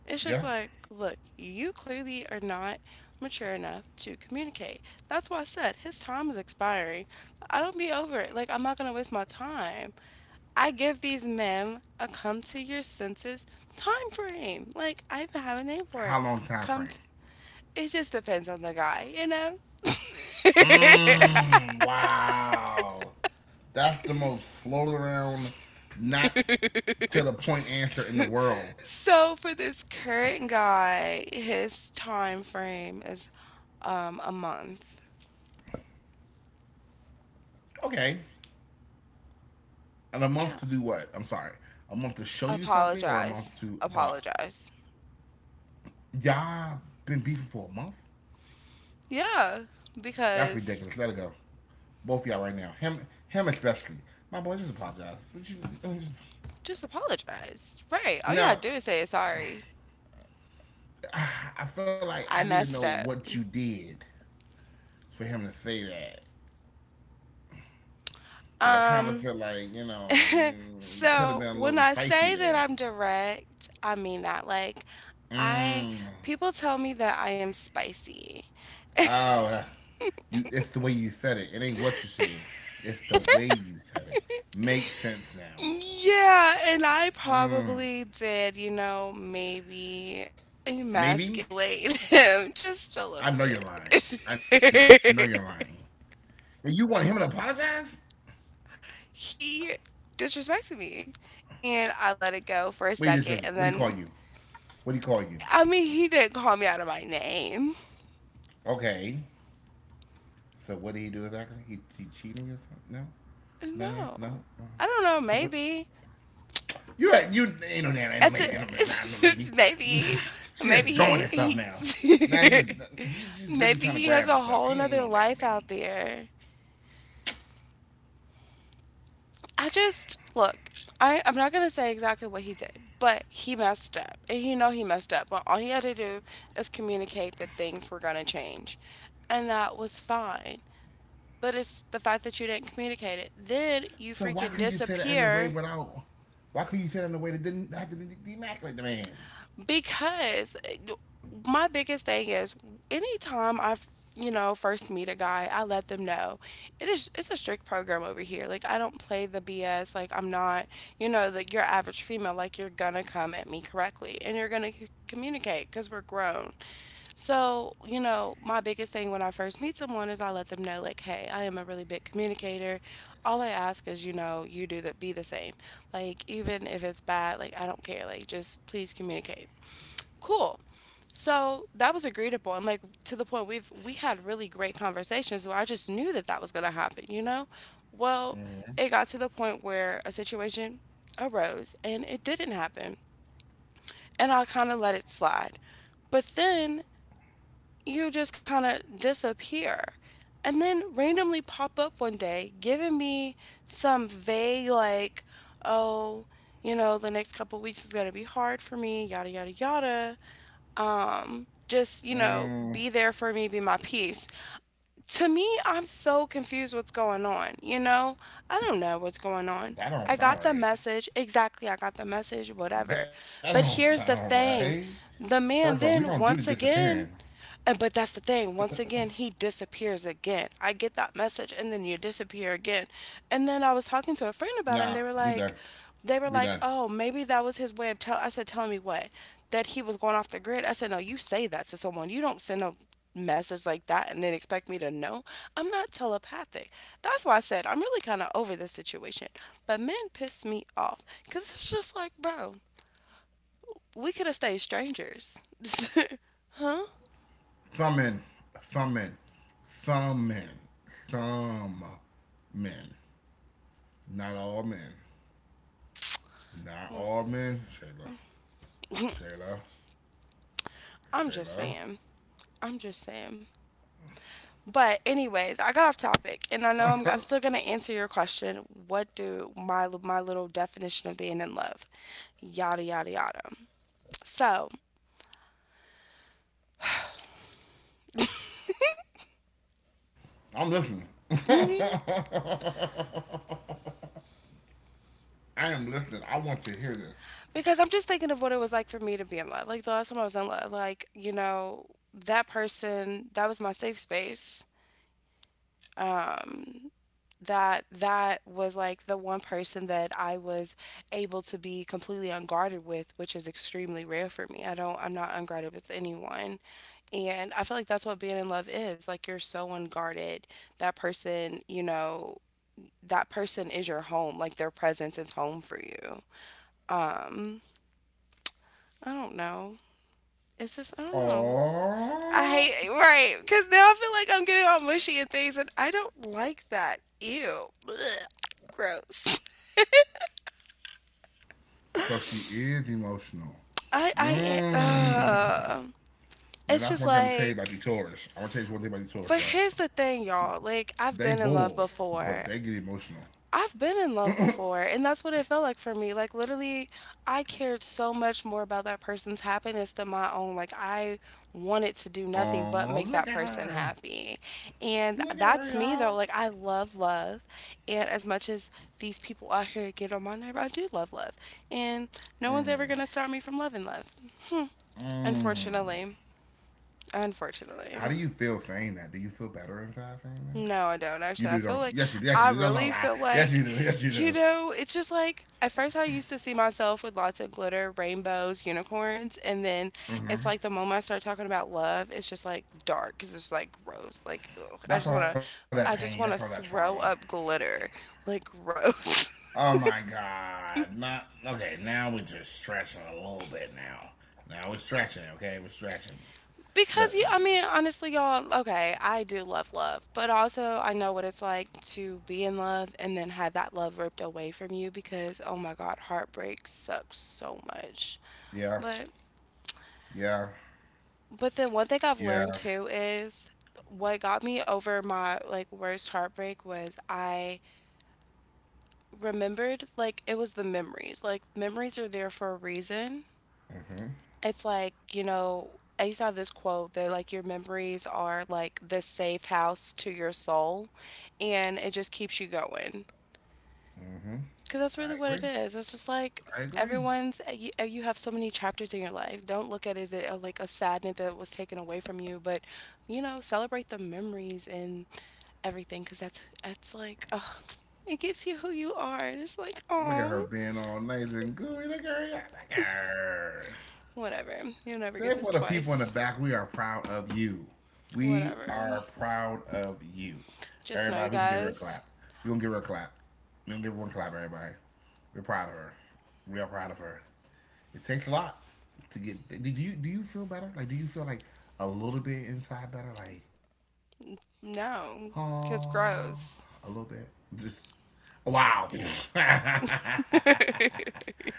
[SPEAKER 2] It's
[SPEAKER 1] Yeah.
[SPEAKER 2] just like, look, you clearly are not mature enough to communicate. That's why I said his time is expiring. I don't be over it. Like, I'm not going to waste my time. I give these men a come to your senses time frame. Like, I even have a name for
[SPEAKER 1] How
[SPEAKER 2] it.
[SPEAKER 1] long time
[SPEAKER 2] Come
[SPEAKER 1] frame?
[SPEAKER 2] to. It just depends on the guy, you know?
[SPEAKER 1] Mmm. wow. That's the most float around, not to the point answer in the world.
[SPEAKER 2] So for this current guy, his time frame is a month.
[SPEAKER 1] Okay. And a
[SPEAKER 2] Yeah.
[SPEAKER 1] month to do what? I'm sorry. A month to show you something or a
[SPEAKER 2] Apologize.
[SPEAKER 1] month to about.
[SPEAKER 2] Apologize.
[SPEAKER 1] Y'all been beefing for a month?
[SPEAKER 2] Yeah.
[SPEAKER 1] That's
[SPEAKER 2] Because
[SPEAKER 1] ridiculous. Let it go. Both of y'all right now. Him, him especially. My boy, just apologize.
[SPEAKER 2] just apologize. Right. All you gotta
[SPEAKER 1] Now,
[SPEAKER 2] do is say sorry.
[SPEAKER 1] I feel like I
[SPEAKER 2] I
[SPEAKER 1] need to know
[SPEAKER 2] messed up.
[SPEAKER 1] what you did for him to say that. Cause I kind of
[SPEAKER 2] Um
[SPEAKER 1] feel like you know you could have
[SPEAKER 2] so
[SPEAKER 1] been a
[SPEAKER 2] when
[SPEAKER 1] little
[SPEAKER 2] I
[SPEAKER 1] spiky
[SPEAKER 2] say that
[SPEAKER 1] there.
[SPEAKER 2] I'm direct, I mean that like I
[SPEAKER 1] Mm.
[SPEAKER 2] people tell me that I am spicy.
[SPEAKER 1] Oh, you. It's the way you said it. It ain't what you said. It's the way you said it. Makes sense now.
[SPEAKER 2] Yeah, and I
[SPEAKER 1] Mm.
[SPEAKER 2] probably did, you know, maybe
[SPEAKER 1] Maybe
[SPEAKER 2] emasculate him just a little
[SPEAKER 1] I know
[SPEAKER 2] bit.
[SPEAKER 1] you're lying. I know you're lying. And you want him to apologize?
[SPEAKER 2] He disrespected me, and I let it go for a
[SPEAKER 1] What he did
[SPEAKER 2] second,
[SPEAKER 1] just
[SPEAKER 2] and
[SPEAKER 1] what do he
[SPEAKER 2] then
[SPEAKER 1] call you? What do he call you?
[SPEAKER 2] I mean, he didn't call me out of my name.
[SPEAKER 1] Okay. So what did he do exactly? He cheating or something? No, no, no.
[SPEAKER 2] No,
[SPEAKER 1] Uh,
[SPEAKER 2] I don't know.
[SPEAKER 1] So what?
[SPEAKER 2] Maybe
[SPEAKER 1] You ain't no damn ain't no
[SPEAKER 2] at the
[SPEAKER 1] maybe ain't no, no maybe.
[SPEAKER 2] maybe
[SPEAKER 1] She just
[SPEAKER 2] maybe
[SPEAKER 1] drawing that stuff now. Now
[SPEAKER 2] he
[SPEAKER 1] she's literally
[SPEAKER 2] maybe
[SPEAKER 1] trying to
[SPEAKER 2] he has
[SPEAKER 1] grab her
[SPEAKER 2] a
[SPEAKER 1] stuff.
[SPEAKER 2] whole
[SPEAKER 1] Ain't
[SPEAKER 2] nother
[SPEAKER 1] no damn
[SPEAKER 2] life out
[SPEAKER 1] maybe.
[SPEAKER 2] there. I just look. I'm not gonna say exactly what he did, but he messed up, and you know he messed up. But all he had to do is communicate that things were gonna change, and that was fine. But it's the fact that you didn't communicate it. Then you
[SPEAKER 1] So why
[SPEAKER 2] freaking
[SPEAKER 1] could you say that in a way
[SPEAKER 2] disappear
[SPEAKER 1] without? Why could you say that in a way that didn't have to demasculate the man?
[SPEAKER 2] because my biggest thing is anytime I, you know, first meet a guy, I let them know it's a strict program over here. Like I don't play the BS. Like I'm not, you know, like your average female. Like you're gonna come at me correctly and you're gonna communicate because we're grown. So you know, my biggest thing when I first meet someone is I let them know like, hey, I am a really big communicator. All I ask is you know you do that be the same. Like even if it's bad, like I don't care. Like just please communicate cool. So that was agreeable, and like to the point we had really great conversations where I just knew that that was going to happen, you know. Well, it
[SPEAKER 1] Mm,
[SPEAKER 2] got to the point where a situation arose and it didn't happen, and I kind of let it slide. But then you just kind of disappear, and then randomly pop up one day, giving me some vague like, oh, you know, the next couple weeks is going to be hard for me, yada yada yada, just you know be
[SPEAKER 1] mm,
[SPEAKER 2] there for me, be my peace. To me, I'm so confused, what's going on, you know, I don't know what's going
[SPEAKER 1] that
[SPEAKER 2] on.
[SPEAKER 1] don't sound
[SPEAKER 2] I
[SPEAKER 1] right.
[SPEAKER 2] got the message, exactly,
[SPEAKER 1] That
[SPEAKER 2] I got
[SPEAKER 1] don't
[SPEAKER 2] the
[SPEAKER 1] sound
[SPEAKER 2] message, whatever.
[SPEAKER 1] right.
[SPEAKER 2] But
[SPEAKER 1] First
[SPEAKER 2] here's
[SPEAKER 1] off,
[SPEAKER 2] the
[SPEAKER 1] we don't do the
[SPEAKER 2] thing,
[SPEAKER 1] disappearing.
[SPEAKER 2] the man then once again and but that's the thing. Once again, he disappears again. I get that message and then you disappear again. And then I was talking
[SPEAKER 1] Nah,
[SPEAKER 2] to a friend
[SPEAKER 1] we
[SPEAKER 2] about
[SPEAKER 1] done.
[SPEAKER 2] it and
[SPEAKER 1] We done.
[SPEAKER 2] they were like, "Oh, maybe that was his way of tell." I said, "Telling me what? That he was going off the grid." I said, "No, you say that to someone. You don't send a message like that and then expect me to know. I'm not telepathic." That's why I said I'm really kind of over this situation. But men piss me off cuz it's just like, "Bro, we could have stayed strangers." Huh?
[SPEAKER 1] Summon, summon, summon, some men. Not all men. Not all men. Shayla, Shayla,
[SPEAKER 2] I'm just
[SPEAKER 1] Shayla.
[SPEAKER 2] saying. I'm just saying. But anyways, I got off topic, and I know I'm still gonna answer your question. What do my little definition of being in love? Yada yada yada. So,
[SPEAKER 1] I'm listening. I
[SPEAKER 2] mm-hmm,
[SPEAKER 1] am listening. I want to hear this.
[SPEAKER 2] because I'm just thinking of what it was like for me to be in love. Like the last time I was in love, like you know that person that was my safe space. Um, that was like the one person that I was able to be completely unguarded with, which is extremely rare for me. I'm not unguarded with anyone. And I feel like that's what being in love is. Like you're so unguarded. That person, you know, that person is your home. Like their presence is home for you. Um, I don't know. It's just I don't know. I
[SPEAKER 1] Oh,
[SPEAKER 2] hate right because now I feel like I'm getting all mushy and things, and I don't like that. Ew, ugh, gross.
[SPEAKER 1] so she is emotional.
[SPEAKER 2] I I
[SPEAKER 1] Mmm. And
[SPEAKER 2] it's
[SPEAKER 1] that's
[SPEAKER 2] just
[SPEAKER 1] one thing I'm gonna tell you about
[SPEAKER 2] like.
[SPEAKER 1] the Taurus. I'm gonna tell you one thing about the Taurus,
[SPEAKER 2] But
[SPEAKER 1] y'all.
[SPEAKER 2] here's the thing, y'all.
[SPEAKER 1] They bull, but they get emotional.
[SPEAKER 2] I've been in love before, and that's what it felt like for me. Like literally, I cared so much more about that person's happiness than my own. Like I wanted to do nothing
[SPEAKER 1] Oh,
[SPEAKER 2] but
[SPEAKER 1] look
[SPEAKER 2] make
[SPEAKER 1] at
[SPEAKER 2] that
[SPEAKER 1] her.
[SPEAKER 2] person happy.
[SPEAKER 1] Look at
[SPEAKER 2] And
[SPEAKER 1] her,
[SPEAKER 2] that's me
[SPEAKER 1] y'all.
[SPEAKER 2] though. Like I love love, and as much as these people out here get on my nerve, I do love love. And no one's ever going to stop me from loving love. Hmm.
[SPEAKER 1] Mm.
[SPEAKER 2] Unfortunately.
[SPEAKER 1] How
[SPEAKER 2] Unfortunately.
[SPEAKER 1] do you feel saying that? Do you feel better inside saying that?
[SPEAKER 2] No, I don't
[SPEAKER 1] You
[SPEAKER 2] actually. I
[SPEAKER 1] do,
[SPEAKER 2] feel
[SPEAKER 1] don't you?
[SPEAKER 2] like
[SPEAKER 1] Yes, you do. Yes,
[SPEAKER 2] I
[SPEAKER 1] you do. Don't no,
[SPEAKER 2] really
[SPEAKER 1] lie.
[SPEAKER 2] feel
[SPEAKER 1] Yes,
[SPEAKER 2] like,
[SPEAKER 1] you do. Yes, you
[SPEAKER 2] you
[SPEAKER 1] do.
[SPEAKER 2] know, it's just like at first I used to see myself with lots of glitter, rainbows, unicorns, and then it's like the moment I start talking about love, it's just like dark because it's like gross. Like ugh,
[SPEAKER 1] That's all that pain. That's
[SPEAKER 2] I
[SPEAKER 1] all that
[SPEAKER 2] just wanna
[SPEAKER 1] trauma.
[SPEAKER 2] throw up glitter, like gross.
[SPEAKER 1] Oh my God. Not okay. Now we're just stretching a little bit now. Now we're stretching. Okay, we're stretching. Listen.
[SPEAKER 2] Because you, I mean, honestly, y'all, okay, I do love love, but also I know what it's like to be in love and then have that love ripped away from you because, oh my God, heartbreak sucks so much.
[SPEAKER 1] Yeah.
[SPEAKER 2] But,
[SPEAKER 1] Yeah.
[SPEAKER 2] but then one thing I've learned
[SPEAKER 1] Yeah.
[SPEAKER 2] too is what got me over my like worst heartbreak was I remembered like it was the memories. Like, memories are there for a reason.
[SPEAKER 1] Mm-hmm.
[SPEAKER 2] It's like, you know, I used to have this quote that like your memories are like the safe house to your soul and it just keeps you going.
[SPEAKER 1] Mm-hmm.
[SPEAKER 2] Cuz that's really
[SPEAKER 1] I
[SPEAKER 2] what
[SPEAKER 1] agree.
[SPEAKER 2] it is. It's just like
[SPEAKER 1] I agree.
[SPEAKER 2] everyone's eh, you have so many chapters in your life. Don't look at it as a, like a sadness that was taken away from you, but you know, celebrate the memories and everything cuz that's like oh, it gives you who you are. And it's like,
[SPEAKER 1] Look at her
[SPEAKER 2] oh,
[SPEAKER 1] being all nice and gooey. Look at her. Look at her.
[SPEAKER 2] whatever. You'll never get
[SPEAKER 1] Say
[SPEAKER 2] this
[SPEAKER 1] for the people in the
[SPEAKER 2] twice.
[SPEAKER 1] back, we are proud of you. We
[SPEAKER 2] Whatever.
[SPEAKER 1] are proud of you.
[SPEAKER 2] Just know you
[SPEAKER 1] Everybody, we can give her a
[SPEAKER 2] guys.
[SPEAKER 1] clap. We gonna give her a clap. We gonna give her one clap, everybody. We're proud of her. We are proud of her. It takes a lot to get. Do you feel better? Like, do you feel like a little bit inside better? Like, oh,
[SPEAKER 2] No,
[SPEAKER 1] a
[SPEAKER 2] cause
[SPEAKER 1] little bit.
[SPEAKER 2] gross.
[SPEAKER 1] Just wow. That is crazy.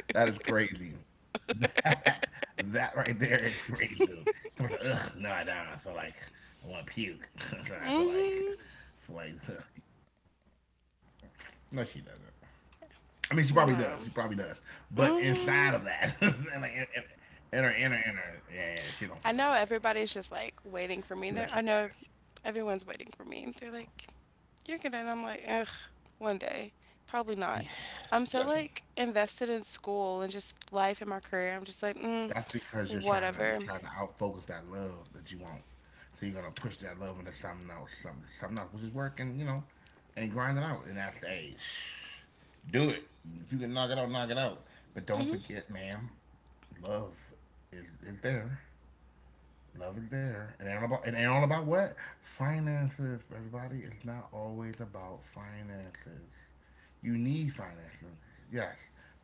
[SPEAKER 1] That that right there is crazy. Someone's like, ugh, no, I don't. I feel like I want to puke. I feel like, I feel
[SPEAKER 2] hmm
[SPEAKER 1] like. No, she doesn't. I mean, she probably does. She probably does. But
[SPEAKER 2] No.
[SPEAKER 1] inside of that,
[SPEAKER 2] hmm
[SPEAKER 1] in her inner inner, yeah, yeah, she don't feel like that.
[SPEAKER 2] I know everybody's just
[SPEAKER 1] Listen,
[SPEAKER 2] like
[SPEAKER 1] guys,
[SPEAKER 2] waiting for me there. Everyone's waiting for me. They're like, you're gonna, and I'm like, ugh, one day. Probably not.
[SPEAKER 1] yeah,
[SPEAKER 2] I'm
[SPEAKER 1] listen.
[SPEAKER 2] so like invested in school and just life and my career. I'm just like, mm,
[SPEAKER 1] That's because you're
[SPEAKER 2] whatever.
[SPEAKER 1] trying to outfocus that love that you want. So you're gonna push that love into something else, something else, which is work and you know, and grind it out. And I say, shh, do it. If you can knock it out, knock it out. But don't
[SPEAKER 2] hmm
[SPEAKER 1] forget, ma'am, love is there. Nothing there. It ain't all about what? Finances, everybody. It's not always about finances. You need finances, yes.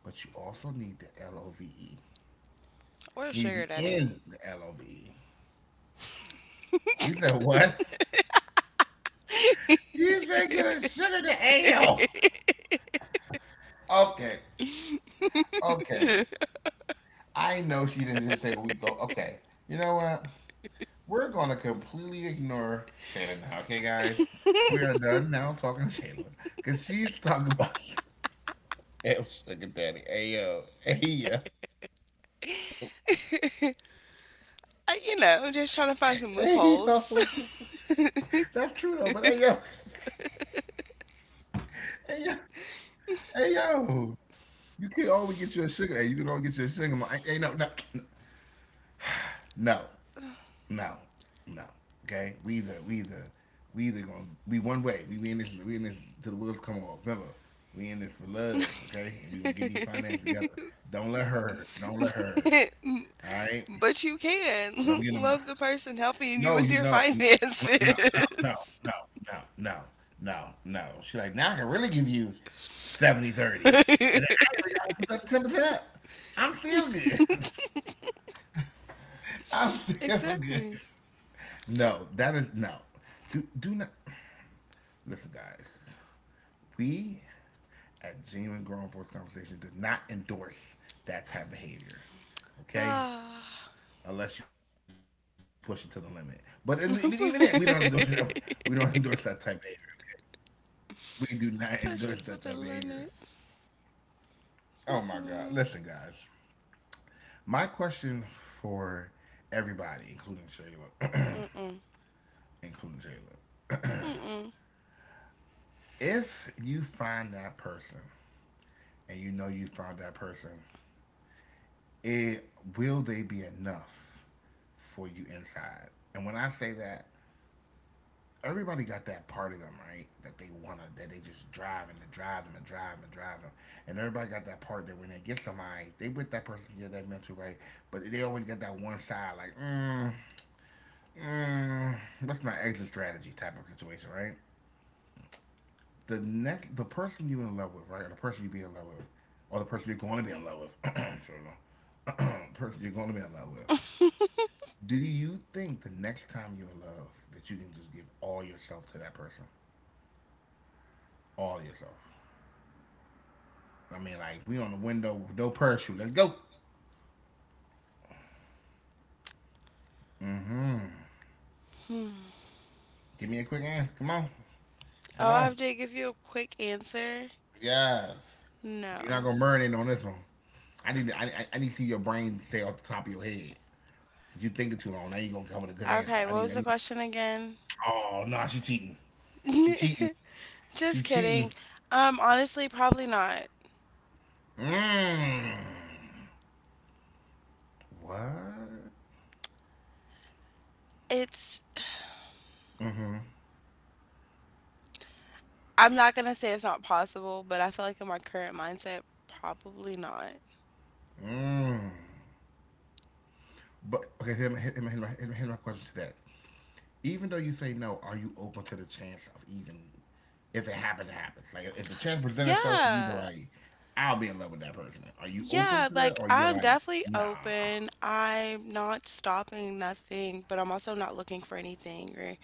[SPEAKER 1] But you also need the L-O-V-E.
[SPEAKER 2] Or a
[SPEAKER 1] You need to
[SPEAKER 2] sugar
[SPEAKER 1] be
[SPEAKER 2] daddy.
[SPEAKER 1] in the L-O-V-E. You said what? You said get a sugar to ale. Okay. Okay. I know she didn't just say what we thought. Okay. You know what? We're gonna completely ignore Shayla now, okay guys? We are done now talking to Shayla. Cause she's talking about hey, what's up, daddy? Hey yo, hey yo,
[SPEAKER 2] I, you know, I'm just trying to find some
[SPEAKER 1] hey
[SPEAKER 2] loopholes.
[SPEAKER 1] yo. That's true though, but hey yo, hey yo, hey yo. You can always get you a sugar. Hey, you can always get you a sugar mama. Hey, hey, no, no, no, no, no. Okay, we either gonna be one way. We in this we in this till the wheels come off. Remember, we in this for love. Okay, and we gonna get these finances together. Don't let her. Don't let her. All right.
[SPEAKER 2] But you
[SPEAKER 1] Don't get them.
[SPEAKER 2] can love the person
[SPEAKER 1] No, you
[SPEAKER 2] helping you
[SPEAKER 1] know,
[SPEAKER 2] with your
[SPEAKER 1] no, no, no, no, no,
[SPEAKER 2] finances.
[SPEAKER 1] no, no, no, no. She's like, now I can really give you 70 30, and then I really gotta put that 10% up. I'm still good. I'm still good.
[SPEAKER 2] Exactly.
[SPEAKER 1] No, that is no. Do not listen, guys. We at Genuine Grown Force Conversation did not endorse that type of behavior. Okay?
[SPEAKER 2] Ah.
[SPEAKER 1] Unless you push it to the limit. But in, even then, we don't endorse that. We
[SPEAKER 2] Push
[SPEAKER 1] don't endorse that type of behavior. We do not endorse that type of
[SPEAKER 2] it
[SPEAKER 1] behavior.
[SPEAKER 2] to the limit.
[SPEAKER 1] Oh my God. Listen,
[SPEAKER 2] Mhm.
[SPEAKER 1] guys. My question for everybody, including Shayla,
[SPEAKER 2] Mm-mm.
[SPEAKER 1] including Shayla,
[SPEAKER 2] Mm-mm.
[SPEAKER 1] if you find that person and you know you found that person, it will they be enough for you inside? And when I say that, everybody got that part of them, right? That they wanna, that they just drive and they drive them and drive them and drive them, and everybody got that part that when they get somebody, they with that person get that mental right, but they always got that one side like, mm, mm, what's my exit strategy type of situation, right? The next, the person you in love with, right, or the person you be in love with, or the person you're going to be in love with, sure, person you're going to be in love with. Do you think the next time you're in love that you can just give all yourself to that person, all yourself? I mean, like we on the window with no parachute. Let's go. Mm-hmm. Give me a quick answer. Come on. Come
[SPEAKER 2] Oh, I
[SPEAKER 1] on.
[SPEAKER 2] have to give you a quick answer.
[SPEAKER 1] Yes. You're not
[SPEAKER 2] No.
[SPEAKER 1] gonna marinate on this one. I need to, I need to see your brain stay off the top of your head. Cause you thinking too long. Now you gonna come with a good answer.
[SPEAKER 2] Okay, what
[SPEAKER 1] I
[SPEAKER 2] was the
[SPEAKER 1] need.
[SPEAKER 2] question again?
[SPEAKER 1] Oh no, nah, she cheating. She cheating. She
[SPEAKER 2] Just
[SPEAKER 1] cheating.
[SPEAKER 2] kidding. Honestly, probably not.
[SPEAKER 1] Mmm. What?
[SPEAKER 2] It's I'm not gonna say it's not possible, but I feel like in my current mindset, probably not.
[SPEAKER 1] Mmm. But okay, hit my question to that. Even though you say no, are you open to the chance of even if it happens, it happens? Like if the chance presents itself to you, be
[SPEAKER 2] Yeah.
[SPEAKER 1] like, I'll be in love with that person. Are you open
[SPEAKER 2] Yeah,
[SPEAKER 1] to that,
[SPEAKER 2] like
[SPEAKER 1] or you're
[SPEAKER 2] I'm
[SPEAKER 1] like,
[SPEAKER 2] definitely
[SPEAKER 1] nah?
[SPEAKER 2] open. I'm not stopping nothing, but I'm also not looking for anything or,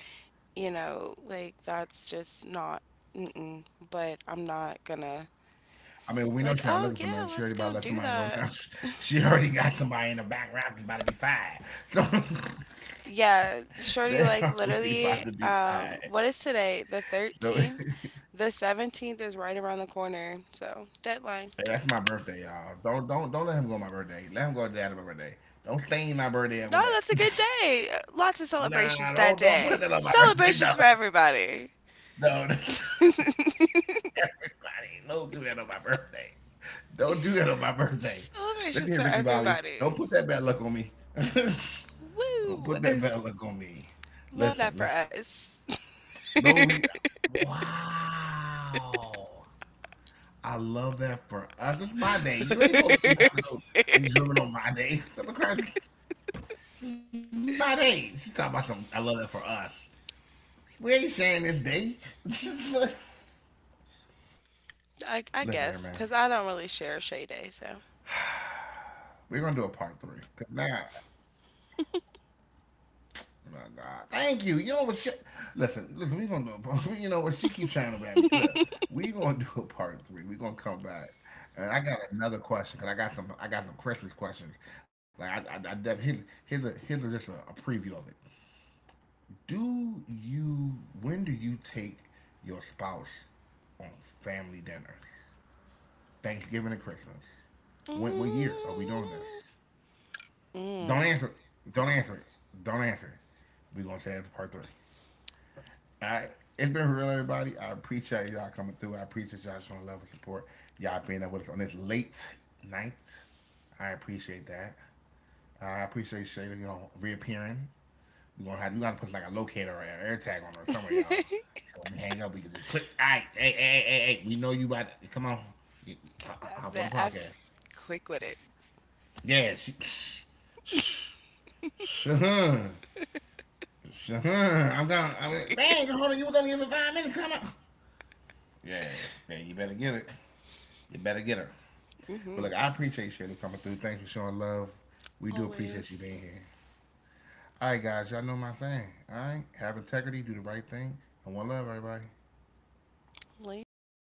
[SPEAKER 2] you know, like that's just not, mm-mm. But I'm not gonna
[SPEAKER 1] I mean, we
[SPEAKER 2] be
[SPEAKER 1] know
[SPEAKER 2] like,
[SPEAKER 1] she's not
[SPEAKER 2] oh
[SPEAKER 1] looking for nothing.
[SPEAKER 2] yeah,
[SPEAKER 1] She
[SPEAKER 2] let's
[SPEAKER 1] already about
[SPEAKER 2] go
[SPEAKER 1] to let
[SPEAKER 2] do
[SPEAKER 1] somebody go
[SPEAKER 2] that.
[SPEAKER 1] now. She already got somebody in the back rack that's about to be fired. So
[SPEAKER 2] Yeah, shorty,
[SPEAKER 1] they
[SPEAKER 2] like
[SPEAKER 1] are already
[SPEAKER 2] literally,
[SPEAKER 1] about to be fired.
[SPEAKER 2] what is today? The
[SPEAKER 1] So
[SPEAKER 2] 13th?
[SPEAKER 1] hey,
[SPEAKER 2] The 17th is right around the corner, so deadline.
[SPEAKER 1] that's my birthday, y'all. Don't let him go on my birthday. Let him go to the end of my birthday. Don't stain my birthday up
[SPEAKER 2] No,
[SPEAKER 1] with that.
[SPEAKER 2] that's a good day. Lots of
[SPEAKER 1] Nah,
[SPEAKER 2] celebrations that
[SPEAKER 1] don't put
[SPEAKER 2] day.
[SPEAKER 1] that on my birthday.
[SPEAKER 2] Celebrations
[SPEAKER 1] No.
[SPEAKER 2] for everybody.
[SPEAKER 1] No, everybody. Don't do that on my birthday. Don't do that on my birthday.
[SPEAKER 2] Celebrations
[SPEAKER 1] Listen here,
[SPEAKER 2] for
[SPEAKER 1] Ricky Bobby. Don't
[SPEAKER 2] everybody.
[SPEAKER 1] put that bad luck on me. Don't
[SPEAKER 2] Woo!
[SPEAKER 1] put that bad luck on me.
[SPEAKER 2] Love that
[SPEAKER 1] Listen,
[SPEAKER 2] for
[SPEAKER 1] listen.
[SPEAKER 2] us.
[SPEAKER 1] No, we. Wow. I love that for us. It's my day. You ain't supposed to be having no enjoyment on my day. Stop crying. It's my day. She's talking about some. I love that for us. We ain't sharing this day. Listen here, man.
[SPEAKER 2] I guess, because I don't really share Shay Day, so.
[SPEAKER 1] We're gonna do a part three because now oh, my God, thank you. You know what? She, listen, listen. We gonna do a part- you know what? She keeps trying to ram me. Look, we gonna do a part three. We gonna come back, and I got another question because I got some. I got some Christmas questions. Like I def- here's here's a, just a preview of it. Do you? When do you take your spouse on family dinners, Thanksgiving and Christmas? When, what year are we doing
[SPEAKER 2] Mm.
[SPEAKER 1] this? Don't
[SPEAKER 2] Mm.
[SPEAKER 1] answer it. Don't answer it. Don't answer it. We're gonna say it for part three. I it's been real, everybody. I appreciate y'all coming through. I appreciate y'all showing love and support. Y'all being up with us on this late night. I appreciate that. I appreciate Shayla, you know, reappearing. We gonna have we gotta put like a locator or an air tag on her somewhere, y'all. So when we hang up, we can just click. All right, hey, hey, hey, hey, hey. We know you about to, come on, hop on the
[SPEAKER 2] I'm
[SPEAKER 1] podcast.
[SPEAKER 2] quick with it.
[SPEAKER 1] Yeah, she. Shahan, Shahan, I'm gonna. I mean, dang, hold on, you were gonna give it 5 minutes. Come on. Yeah, yeah, you better get it. You better get her. But
[SPEAKER 2] hmm
[SPEAKER 1] look, I appreciate Shirley coming through. Thanks for showing love. We do appreciate you being
[SPEAKER 2] Always.
[SPEAKER 1] here. All right, guys, y'all know my thing. All right, have integrity, do the right thing, and one love, everybody.
[SPEAKER 2] Later.